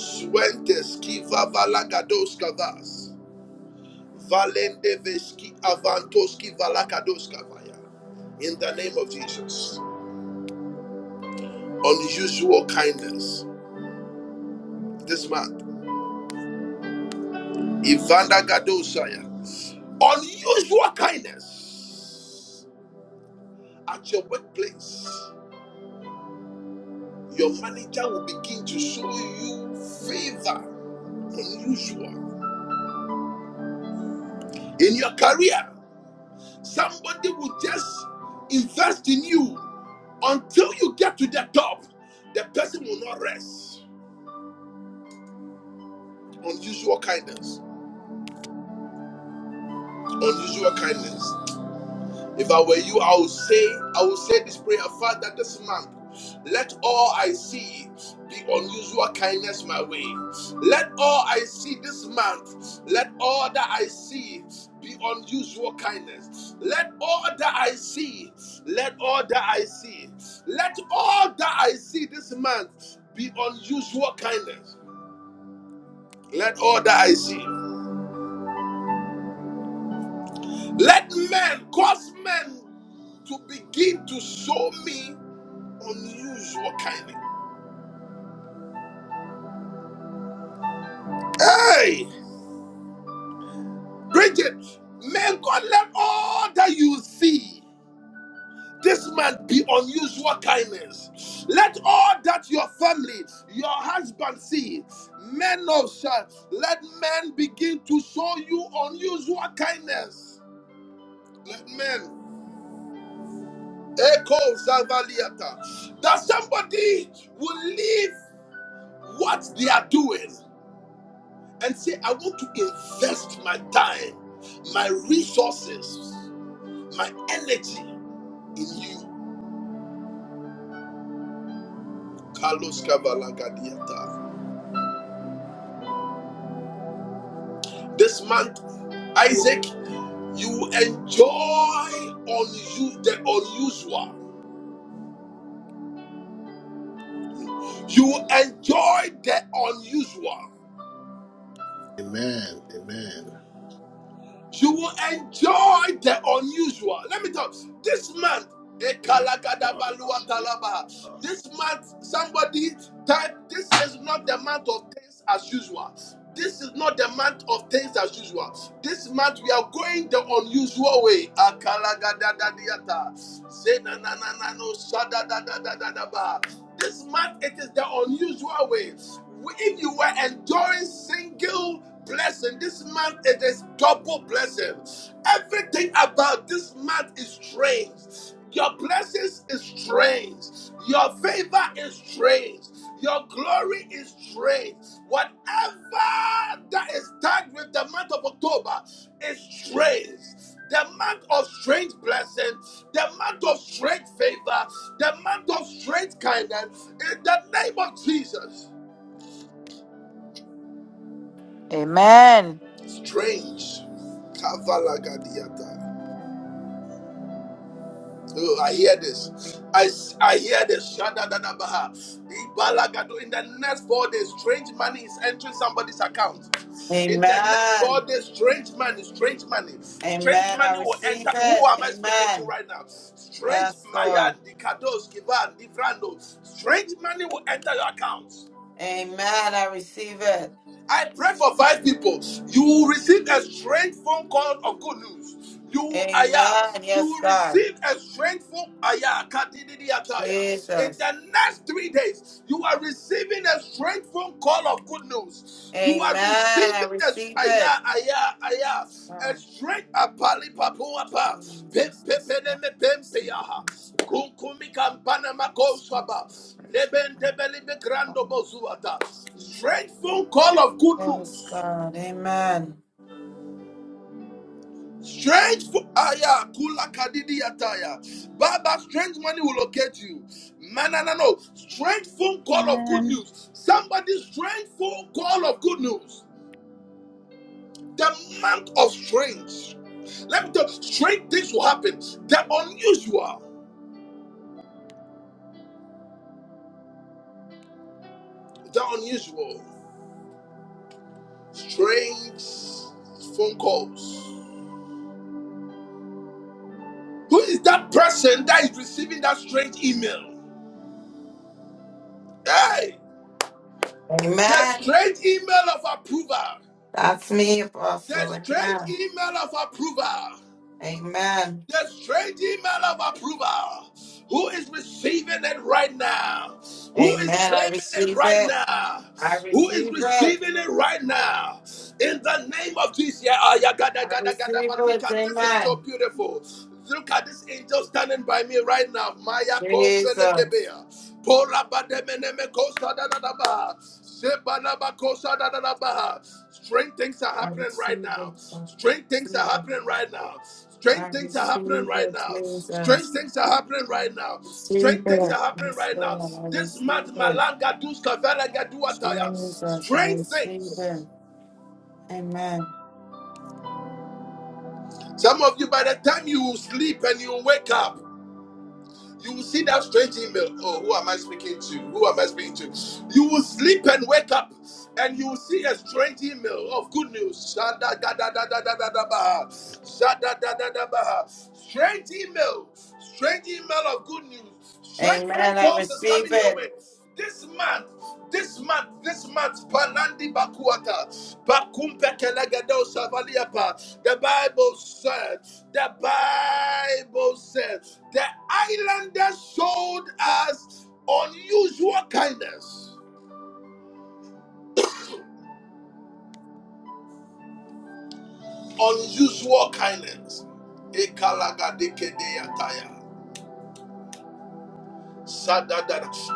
Suentes ki vavalagadoska vas. Valende veski avantoski valakadoska vaya. In the name of Jesus. Unusual kindness this month. Ivanda gadosaya. Unusual kindness at your workplace. Your manager will begin to show you favor unusual in your career. Somebody will just invest in you until you get to the top. The person will not rest. Unusual kindness. Unusual kindness. If I were you, I would say, I would say this prayer, Father, this month, let all I see be unusual kindness my way. Let all I see this month, let all that I see be unusual kindness. Let all that I see, let all that I see, let all that I see this month be unusual kindness. Let all that I see. Let men cause men to begin to show me unusual kindly. Hey, Bridget, may God let all that you see this month be unusual kindness. Let all that your family, your husband see, men of shall let men begin to show you unusual kindness. Let men echo Zavaliata that somebody will leave what they are doing and say, I want to invest my time, my resources, my energy in you. Carlos Cavalagadiata. This month, Isaac, you enjoy on you the unusual. You enjoy the unusual.
Amen. Amen.
You will enjoy the unusual. Let me talk. This month,
Yes, Lord.
Ekalakadabaluatalaba. this month, somebody type, this is not the month of things as usual. This is not the month of things as usual. This month we are going the unusual way. Akalagadadadiata. Zenanananano sadadadadadadaba. This month it is the unusual way. If you were enjoying single blessing. This month it is double blessing. Everything about this month is strange. Your blessings is strange. Your favor is strange. Your glory is strange. Whatever that is tagged with the month of October is strange. The month of strange blessing, the month of strange favor, the month of strange kindness. In the name of Jesus.
Amen.
Strange. Kavalagadiata. Oh, I hear this. I I hear this. Shadadadabaha. Ibalagado. In the next four days, strange money is entering somebody's account. In the next four
Amen.
days, strange money, strange money, strange
Amen. I
money will
receive
enter. Who
it.
am I speaking to
Amen.
right now? Strange
Yes, Lord.
Mayan, the kados, Kivan, Divrando. Strange money will enter your account.
Amen. I receive it.
I pray for five people. You will receive a strange phone call of good news. You aya,
Amen.
you
Yes,
will
God.
receive a strengthful aya kadididi ataya. In
Jesus.
the next three days, you are receiving a strengthful call of good news. You
Amen.
are
I
receiving a
receive
aya
it.
aya aya a strength apali papuapa pem
Jesus,
pem
yes,
pem
God,
pem
we
pem
receive it. We
peyaha
receive that.
kunkumi kampana
Yes, we
makosaba
Praise
leben
God.
debeli begrando
Hallelujah.
bozuata.
praise
Strengthful call of good
God. Yes,
news.
God. Amen.
Strange fo- aya kula kadidi ataya. Baba, strange money will locate you. Man, no, no, no. Strange phone call of good
Amen.
news. Somebody strange phone call of good news. The month of strange. Let me tell you, strange things will happen. The unusual. The unusual. Strange phone calls. Who is that person that is receiving that strange email? Hey, that
Amen.
strange email of approval.
That's me,
The
Apostle.
strange
Amen.
email of approval.
Amen.
The strange email of approval. Who is receiving it right now? Who is
Amen. I
claiming it
receive
right
it.
now?
I
Who is
receive it.
receiving it right now? In the name of Jesus. Yeah, ah, yeah, gada,
I
gada,
receive
gada, but look
it.
at this is so
Amen.
beautiful. Look at this angel standing by me right now. Maya
Jesus.
kompelekebea. Pora bademeneme kosa da da da ba. Seba ba kosa da da da ba. Strange things are
I
happening right
receive
now.
it. God. I
Strange things are
receive it.
happening right now.
I
Strange things are happening
receive
right
it,
now. Strange
Jesus.
things are happening right now. Strange
Receive
things are
it.
happening
Yes,
right now.
Lord. I
This
receive
month,
it.
Malanga dus kavela gadu ataya.
Jesus, I
Strange
receive
things.
it. Amen.
Some of you, by the time you will sleep and you will wake up, You will see that strange email. Oh, who am I speaking to? Who am I speaking to? You will sleep and wake up, and you will see a strange email of good news. Shada da da da da da da da ba. Shada da da da ba. Strange email. Strange email of good news. Straight phone
Amen. I
calls is
receive
coming your
it.
way. This month, this month, this month, Palandi Bakuata, Bakumpe Kelegado Savaliapa. The Bible said, the Bible said, the islanders showed us unusual kindness. Unusual kindness. Ekalagadekedeataya.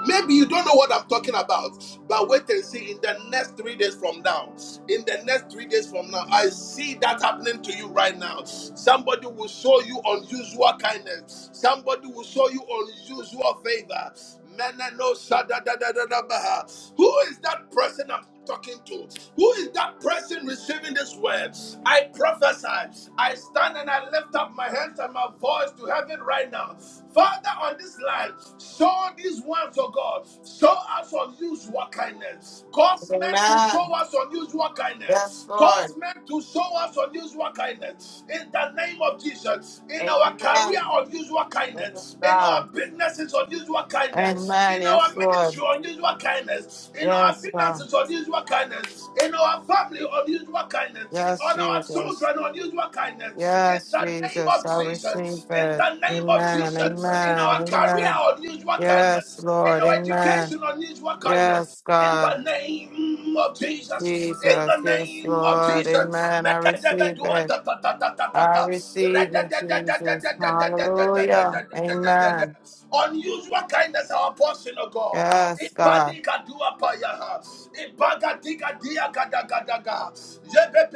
Maybe you don't know what I'm talking about, but wait and see. In the next three days from now, in the next three days from now, I see that happening to you right now. Somebody will show you unusual kindness. Somebody will show you unusual favor. Meneno sadadadadabaha. Who is that person I'm talking to? Who is that person receiving this word? I prophesy. I stand and I lift up my hands and my voice to heaven right now. Father, on this line, show these ones, oh God, show us unusual kindness. Cause men to
Amen.
show us unusual
Yes,
kindness.
Lord.
Cause men to show us unusual kindness in the name of Jesus. In our
Amen.
career, unusual
Yes,
kindness. In our
God.
businesses, unusual kindness.
Amen.
In our
Yes,
ministry,
Lord.
unusual kindness. In our
Yes, God.
finances, unusual kindness. In our family, unusual kindness.
Yes,
On our
Jesus.
children, unusual kindness. In
Yes,
the name
Jesus.
of
I receive
Jesus. In
it.
the name of
Amen.
Jesus. In
Amen.
our career,
Amen.
unusual
Yes,
kindness. In
Lord.
our
Amen.
education, unusual kindness.
Yes,
In the
God.
name of Jesus, in the
Jesus. Yes,
name of
Lord.
Jesus,
Amen. I receive it. I receive it, Jesus. Hallelujah. Amen.
unusual kindness our portion of God.
Yes, God.
Ibanika dua payaha, ibagatika dia gada gada gada,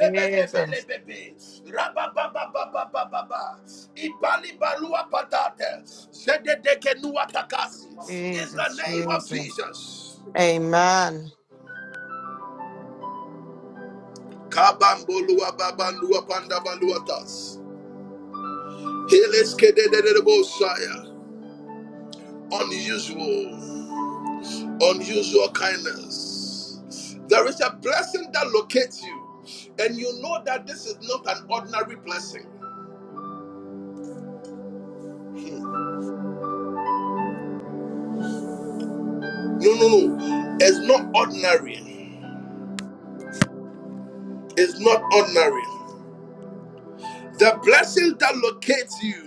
Jesus,
rabababababababa, ibali balua patate, zededekenua takasi. In the
Jesus,
name of
Jesus.
Jesus.
Amen.
Kabamboluwa babandua pandabaluatas. Unusual, unusual kindness. There is a blessing that locates you, and you know that this is not an ordinary blessing. Hmm. No, no, no. It's not ordinary. It's not ordinary. The blessing that locates you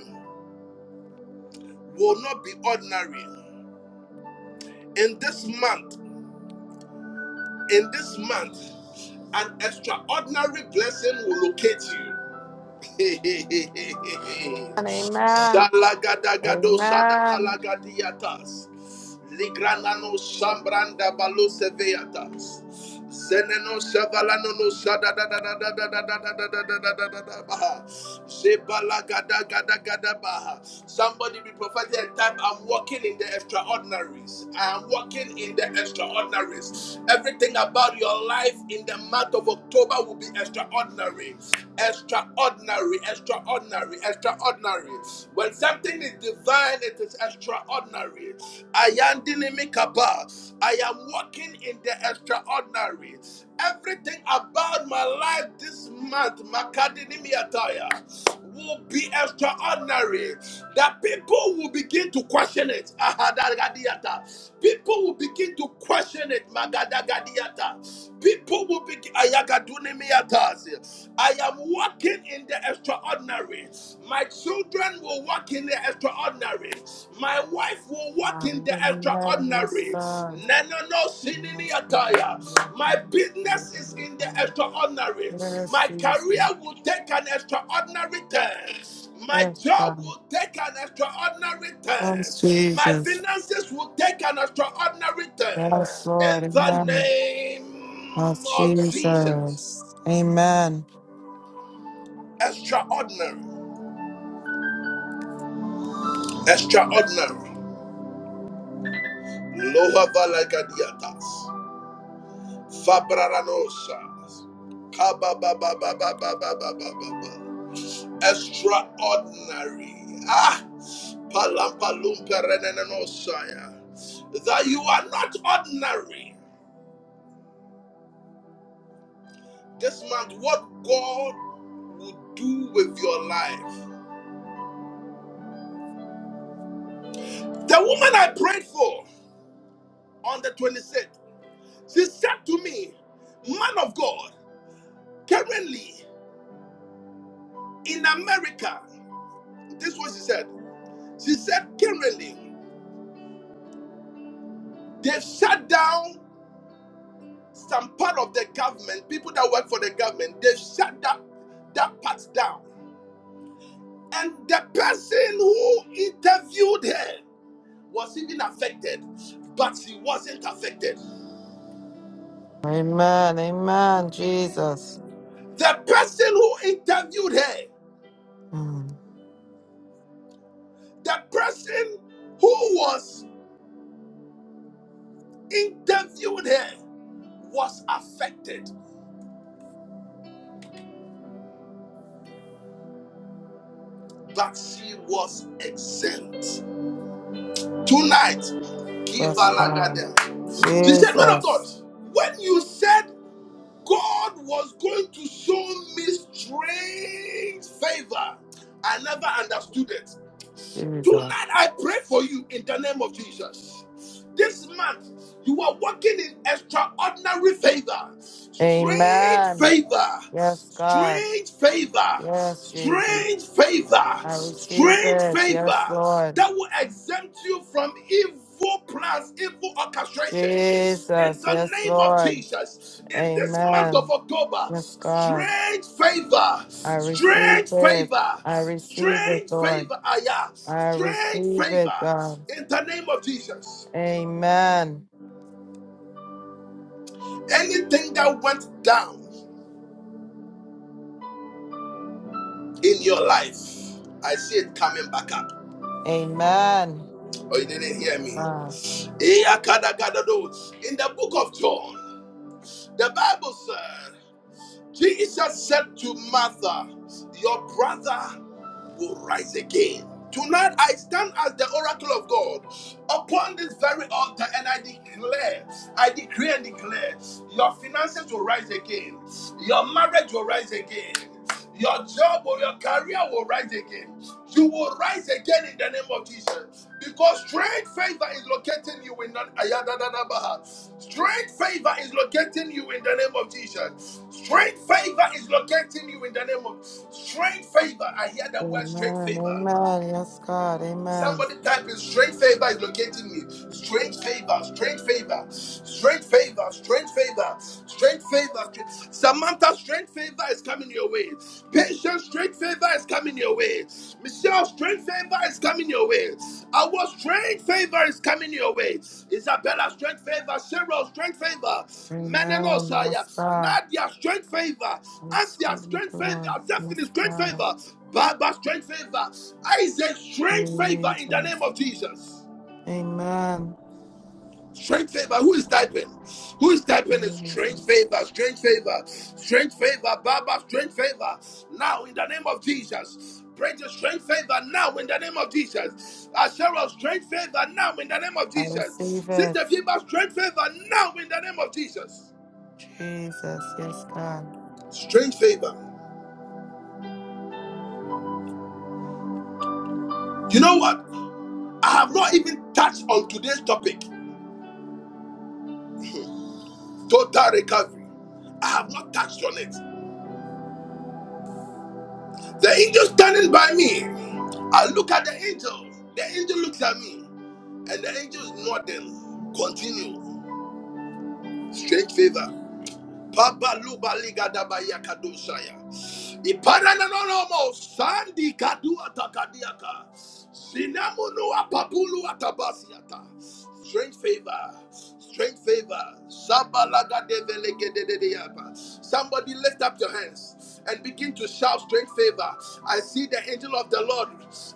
will not be ordinary. In this month, In this month, an extraordinary blessing will locate you.
And amen.
Salagadagado
Amen.
sadabalagadiatas. Ligranano sambranda baluseveatas. Zeneno savalano no sada da da da da da da da da da da da da da baha. Sebalagada gada gada Zebalagadagadagadaba. Somebody be prophetic and type, I'm walking in the extraordinaries. I am walking in the extraordinaries. Everything about your life in the month of October will be extraordinary extraordinary, extraordinary, extraordinary. When something is divine, it is extraordinary. I am dynamicaba. I am walking in the extraordinary. Everything about my life this month, Makadinimiataya will be extraordinary. That people will begin to question it. Ahadagadiata. People will begin to question it. Magadagadiata. People will begin. Ayagadunimiatas. I am walking in the extraordinary. My children will walk in the extraordinary. My wife will walk in the extraordinary
Hallelujah. Yes,
extraordinary.
God.
Nenono sinini
Yes, God.
ataya.
Walk
My
in the
business is
Spirit,
in the
God.
extraordinary.
Yes,
My
Jesus.
career will take an extraordinary turn. My
Yes,
job
God.
will take an extraordinary turn.
Yes,
My
Jesus.
finances will take an extraordinary turn.
Yes, Lord.
In the
Amen. of
name of Jesus.
Jesus. Amen.
Extraordinary. Extraordinary. Loha valagadiatas. Fabranosas. Kabababababababababa. Extraordinary. Ah! Palampalumperenenenosaya. That you are not ordinary. This month, what God will do with your life. The woman I prayed for on the 26th, she said to me, Man of God, currently in America, this is what she said. She said, currently, they've shut down Some part of the government, people that work for the government, they shut that, that part down. And the person who interviewed her was even affected, but she wasn't affected.
Amen. Amen. Jesus.
The person who interviewed her,
Mm.
the person who was interviewed her was affected, but she was exempt. Tonight, give a
Yes, God.
ladder. She said, Man of God,
Jesus.
when you said God was going to show me strange favor. I never understood it.
Jesus.
Tonight I pray for you in the name of Jesus. This month, you are walking in extraordinary favor, strange
Amen.
favor,
Yes, God.
strange favor,
Yes, Jesus.
strange favor,
I receive
strange
it. Yes,
favor
Lord.
that will exempt you from evil plans, evil orchestrations. In
Jesus.
the
Yes,
name of
Lord.
Jesus, in this month of
Amen.
October,
Yes, God.
strange favor,
I receive
strange
it.
favor,
I receive it,
strange
Lord.
favor, ayah,
I
strange
receive it,
favor,
God.
in the name of Jesus.
Amen.
Anything that went down in your life, I see it coming back up.
Amen.
Or oh, you didn't hear me.
Ah,
In the book of John, the Bible said, Jesus said to Martha, Your brother will rise again. Tonight I stand as the oracle of God upon this very altar and I declare, I decree and declare, your finances will rise again, your marriage will rise again, your job or your career will rise again. You will rise again in the name of Jesus. Because strange favor is locating you in that ayadadadabaha. Strange favor is locating you in the name of Jesus. Strange favor is locating you in the name of strange favor. I hear the word strange
amen.
favor.
Amen. Yes, God. Amen.
Somebody type in strange favor is locating me. Strange favor, strange favor, strange favor, strange favor, strange favor. stra- Samantha, strange favor is coming your way. Patience, strange favor is coming your way. Michelle, strange favor is coming your way. Our strange favor is coming your way. Isabella, strange favor. Cheryl, strange favor.
Amen. Yes,
Menanosaya
God.
not their strange favor, and
Yes,
their strange
Lord.
favor, Zephon is
Yes,
strange
God.
favor, Baba strange favor, Isaac strange favor in the name
Jesus.
of Jesus.
Amen.
Strange favor, who is typing? Who is typing is strange
Jesus.
favor, strange favor, strange favor, Baba strange favor. Now in the name of Jesus. Pray to strange favor now in the name of Jesus. Asherah, strange favor now in the name of
I
Jesus.
receive it.
Sister Fiba, strange favor now in the name of Jesus.
Jesus. Yes, God.
Strange favor. You know what? I have not even touched on today's topic total recovery. I have not touched on it. The angel standing by me. I look at the angel. The angel looks at me. And the angel is nodding. Continue. Strange favor. Papa luba liga daba ya kadusaya. Ipara na no no mo sandi kadu atakadiaka. Sinamunu apapulu atabasiata. Strange favor, strange favor. Sabalaga develegededeyaba. Somebody lift up your hands and begin to shout strange favor. I see the angel of the Lord.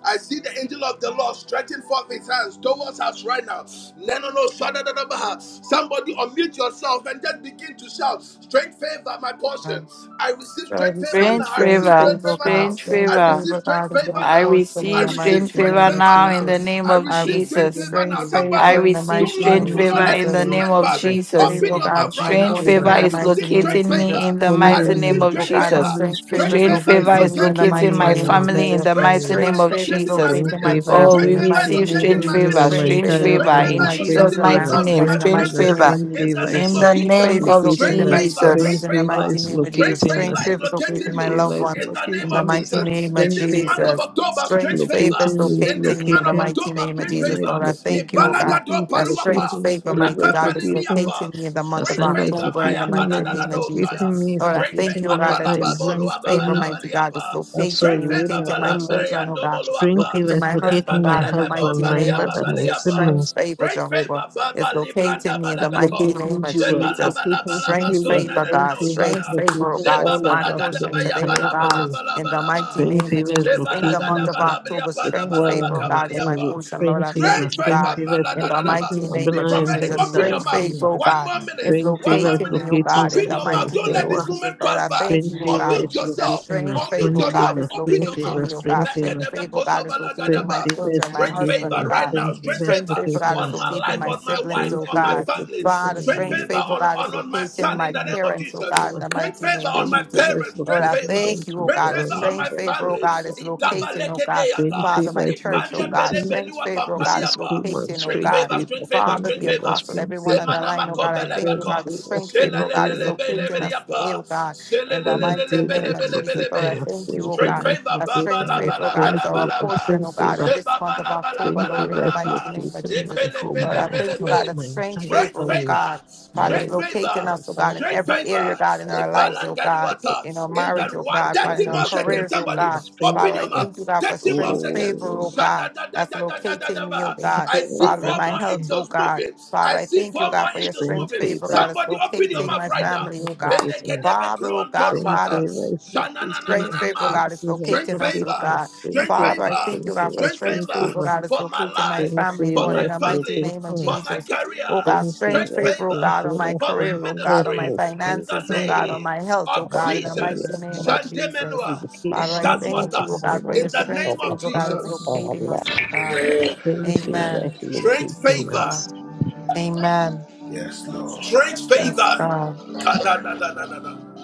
I see the angel of the Lord stretching forth his hands towards us right now. No, no, no. shadadadabaha. Somebody unmute yourself and just begin to shout strange favor, my
Ah.
portion. I receive
So I
strange favor
receive
now.
Strange
I receive
strange
favor.
strange
favor,
favor
God.
now.
Strange
Strange
I
favor.
receive
favor,
strange
God, is my
favor
I
now.
portion in
I
receive
the
receive
strange
mighty
strength
favor
name of
favor
now in
now.
the
Jesus.
name
I
of
I
receive
receive
strength
Jesus.
Spring
favor now.
strange
favor,
I
favor
Somebody,
in the
receive
do
mighty
not
strange
name
relative
of
do not
favor
let
in
this
the
Jesus.
spring
name
moment
of
favor,
pass.
Strange
spring
Jesus.
Open
favor,
your
God,
favor,
mouth
is my
right
spring
Strange
now.
portion
favor.
favor
in
I
the
is
mighty
receive
name of
strength
locating
Jesus.
me
favor.
in the
For
I
me
I
mighty
and my
thank
name
receive
you,
of
oh
strength
entire
God, that
Jesus.
favor.
family,
strange
spring
Strength
favors
Strange
favor
favor is
is
favor
locate
is
me in the
locating
locating
me
locating
mighty
me
my
right
and
name
my
of
now.
family in
entire
Jesus.
the
Strength
mighty
family.
favor
name
is
Strange
of
favors
locating my
Jesus.
locate
Spring
in my
favor
business.
is
Oh,
family
Strength
in
we
uh,
the
favor is
mighty
receive
name of
locating
strange
my
locating
Jesus.
me
favor,
and my
Strange
ministry.
strange
favors
entire
Strength
favor
locate
favor
in
in
family.
is
my
Spring
Jesus'
locating
children,
my
my
mighty
favor,
family,
name,
husband
my
in
spring
the
strange
mighty
favor,
name
favor
of
finances.
spring
In the
favor
Jesus.
name
is
in
uh,
of
the
Strange
name
Jesus.
favors
of
locate
locating
Strength
in
us.
my
favor,
siblings
Spring
Jesus.
strength
in the
favor
favor,
mighty
is
name of Jesus.
strength
locating
favor
Strange
us.
is
favors locate
Spring
in
locating
my
me.
loved
favor is
ones
In the name
in the
of
locating us.
mighty
Jesus.
name of
In
Spring
this month of
favor.
Jesus.
month of October,
It's
strange
Strange
favor.
favors
locating, it's
In
locating
this
me in
month
the
of
locating.
mighty
October,
name of
strange
Nana
Jesus.
is
favor.
Lord, I thank
locating,
you, oh God.
AC
Ibalagado
is
That strange
paluapa,
locating,
favor, mighty
Gabriel is
God, is
locating,
locating
rapapalimiapa.
me in the month of
Strange
Cassandra is
favor,
October in the
maya
locating,
mighty
Meg is
name of
kadadadadosaya.
locating,
Jesus.
me is
Lord, I
Strange
thank you, oh
locating,
favor,
God,
Martha,
that your strange
Yvonne,
favor,
Tony,
mighty God, is
palababoluababalawaliapa.
also
locating
Strange
me,
favor,
Rhoda,
locating my
Amma,
children, oh God,
String
balamberiandoboluapa.
Fever
locating
is
my husband,
locating my
God, in the
husband,
mighty
my
name of
mother, my
Jesus.
Rapabelememombaliabambaliapa.
Strange
siblings.
favor,
Strange
Jehovah,
favor,
is
baba
locating
libranda
me in the
It's
mighty
balabeko.
name
locating
of
Jewel,
Zeba
it's
Jesus.
locating
Strange
labalabalabazo
Cecilia,
favor,
String
God.
Fever is
Strange
nananosiah.
favor, oh
locating
God.
Zeba
It's
all
my
of us, the
balagada
portion
baya
today, oh
entire
bala
God.
bala
family.
bala
In the mighty
bala
Brain
name of
fever is
Jesus. In the month
locating
Shebalagada
of
balabria
October,
panda
strange
equal
favor, oh
balabaka
in her
Father,
God,
we
is
say
my
family.
strength
baliapa.
for
portion.
your
Lord,
Spring
I
fever.
kingdom,
thank
Great
you,
we say
spring
God.
favor,
strength
fever
for
is
your
In the
kingdom.
mighty
locating
maladadadaba.
name
Be
of
Abner and
Father,
Jesus,
her
prophetic.
God,
a
Open
entire
your
strange
Roshana, God,
faith,
mouth.
family.
oh
God,
One
God,
God,
more
God,
minute.
God.
is
Spring
One
fever
more
is
locating
minute.
Ayana,
me, oh
Father,
locating
God.
God, God,
Open
In the
your
God,
mouth.
Stephanie
mighty
God,
Don't let
God,
name of
this
Stewa.
God.
Jesus,
moment
Lord,
pass
I
Thank
by.
you,
thank
Spring
my
you, oh
dear
fever
God.
Unmute
Lord,
is
for you.
That
yourself.
locating her.
strange
Thank you,
faith,
Unmute
my
Strain
oh
dear Lord,
God,
yourself.
fever.
is
Open
spring
your
locating
fever.
me, oh
mouth.
for
spring
God.
you.
fever.
Strange faith, oh God,
Mekedebekosa
is locating
spring
my
balagadaba.
fever is
children,
Yeah,
my
God,
Strength
God, God,
husband,
locating
favor
oh
her.
God, God,
right
God.
God,
now.
Strain
God.
Strength
fever is
Strange
favor
faith, oh God,
locating
Yeah,
is
on
us.
God,
my
God,
locating
life,
my
God, God.
on my
siblings,
wife,
Strain
oh
on my
fever is
God.
family.
locating
Father,
Strength
strange
Grant favor
Emilia.
faith, oh
on,
God, is
on, on my
locating
Spring
son in
my
the
fever.
name of
spring
parents, oh God, in
Jesus.
fever.
the
Grant
mighty
favor
name of
on
spring
my
Jesus.
fever is
parents.
Lord,
Grant
I
locating
favor.
them
thank you, oh
to
Grant
God. A
favor
grant
on my
strange
them
favor,
the
oh
family.
God, is
favor.
locating, oh God.
Strange
Father,
Idabalekedeyata.
my
favor is
church, oh God,
locating
strange
Ibandepelebelua
favor, oh God, is
Mrs. Coleman.
locating, oh
Strength
Strange
God.
favor,
favor,
strength favor,
strange
Father,
strength
the
favor,
favor.
apostle,
strange
everyone on
favor,
the
Thank you,
line, oh
my dear
God, I
Lord.
thank you,
strange
oh God,
Zemanamakombelebeko.
the
favor,
strange favor,
strange
oh God, is
favor, strange
locating
favor.
us today, oh
Zelelelelebelebeliapa.
God, in the
Strange
mighty
favor
name
is
of Jesus. Lord, I
locating us.
Zelelelelebelebelebelebe.
thank you,
Strange
oh
Strength
God.
favor is
favor.
A
Ba ba
strange
la
locating us.
ba
favor, oh
la ba
God,
Strange
is
la
our
favor,
Balaba,
portion,
strange
oh God, in
favor.
this
Sheba
month of
Balaba,
October,
Strange
Lord,
Balaba,
in
favor
the
is
mighty name of
Balaba,
locating
Jesus.
my
Epele,
home,
Lord,
Pele,
I
my
Pele,
thank you,
house,
God,
Pele,
a
my
strange
entire
straight
favor, oh
family,
favor,
God.
my
Father, is
straight
work,
locating
my
favor,
us, oh God, in
straight
every
finances, our
area,
favor,
God, in
health,
our lives, oh God,
the
in our
Ibalangaduata, in
education
marriage,
that
of
oh
one,
my
God, Father, in
30
our
children.
more seconds,
Strange
careers, oh
somebody,
God.
favor, strange
open
Father, I
your
favor.
thank you,
mouth,
God, for
30 more
strange
seconds,
favor, oh
Oh,
God,
Shada, da, da,
that's
da, da, da, da,
locating
da,
me, oh
ba.
strange
God.
I
favor
see
is
Father, in
four
my
more
locating
health, oh
angels
God.
moving,
Father,
I
I
see
thank you,
four
God,
more
for your
angels
strange
Strange
moving,
favor,
favor is
God, that's
somebody open your
locating
mouth
my
right now.
family, oh God.
locating us.
Pelekedebe
Father, oh God,
kruantonu
Strange
Father.
wata.
favor is locating
Strange
us.
favor,
Shanananananama.
Strange
God, is
favor is
Strength
locating us, oh
favor,
locating us.
God.
Strange
strength
favor
Father,
is
I
favor,
thank you, God,
locating
for
us.
strength
strange
Strange
favor
favor,
favor,
God, is
for my
locating my
life,
strange favor, strange favor. Strange
family,
for
Lord,
favor
my
in
is
the mighty
family,
name of
locating
for
us.
my
Jesus.
career,
Oh God,
Strange
strange
strength
favor,
favor, oh
strange
favor
God, on my
favor,
for my
strange
career, oh
favor
God,
is
on my
ministry in the
finances, oh
locating
God,
us.
on
name
my health, oh
of
Thank you,
Our
my
God, in
dear
the mighty
Jesus.
careers,
name
Lord,
of
our
for
Jesus.
you.
Shandemenua, it
Father, I
Lord,
education,
does
we
our
what
lift
thank you,
you
oh
up,
God,
we
us
for
lift
in
your
the
finances,
you up.
strange
our
name of
favor, God, is
health,
Regular
our
Jesus.
locating
strange
us, oh
life.
spirits
God.
will
Amen.
Strange
locate
Amen.
favor
Amen.
is
within three
Amen.
Strength
dwelling.
Oh
locating
God.
us.
favor,
National Sheriff
Amen.
Mexican I
Yes, Lord.
strength
Yes,
favor.
God.
Kadadadadadada.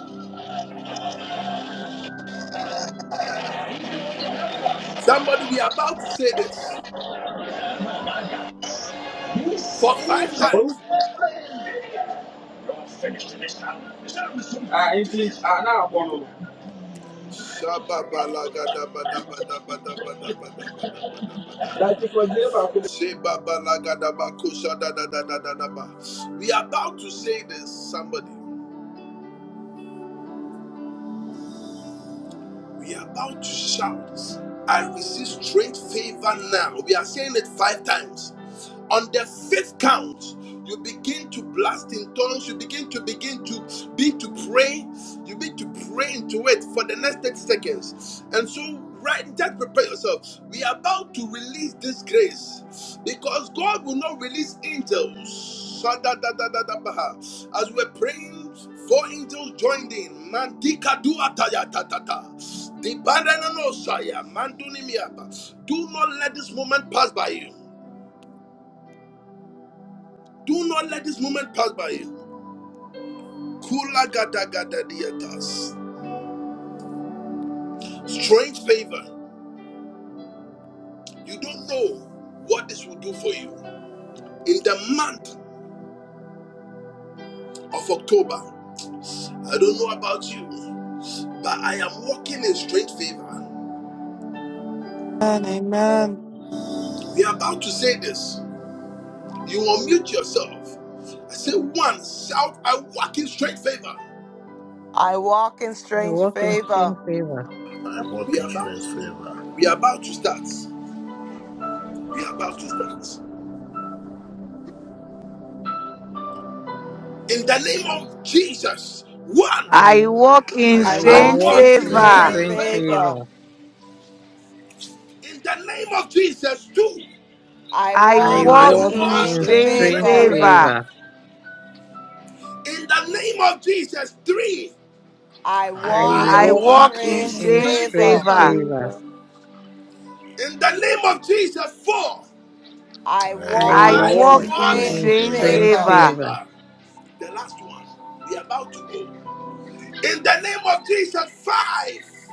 Somebody, we are about to say this. for five
ahụ
times.
a ndị a na-agbọrọ
We are about to say this, somebody. We are about to shout. I receive strange favor now. We are saying it five times. On the fifth count, you begin to blast in tongues. You begin to begin to begin to pray. You begin to pray into it for the next 30 seconds. And so, right, just prepare yourself. We are about to release this grace because God will not release angels. Shadadadadadabaha. As we're praying, four angels joined in. Mandika Do not let this moment pass by you. Do not let this moment pass by you. Kula gada gada diatas. Strange favor. You don't know what this will do for you. In the month of October, I don't know about you, but I am walking in strange favor.
Amen. Amen.
We are about to say this. You unmute yourself. I say one, shout, I walk in strange favor.
I walk in
We
strange
walk in
favor.
strange favor.
I
We
walk in
are about.
strange
to.
favor.
We are about to start. We are about to start. In the name of Jesus. One.
I
I
walk,
walk in
I
I
I
I
walk
strange
walk
walk
in
in
walk in
in
strange
strange
favor.
Favor.
straight
favor.
strange
favor.
favor.
favor.
In the name of Jesus, two.
I
I
I
I
walk
I
I
walk
in
walk
walk
walk
in
in
in
walk
in
strange
strange
in
strange
strange
straight
strange
favor.
favor.
favor.
favor.
favor.
favor.
In the name of Jesus, three.
I
I
I
I
walk
I
I
walk
in
walk
walk
in
in
walk
walk
in
strange
in
strange
in
favor.
strange
strange
straight
strange
favor.
favor.
favor.
favor.
favor.
In the name of Jesus, four.
I
I
I
I
walk
I
I
walk
walk
in
walk
walk
in
in
in
walk
strange
strange
in
strange
in
strange
favor.
straight
strange
favor.
favor.
favor.
favor.
favor. The last one. We are about to go. In the name of Jesus, five.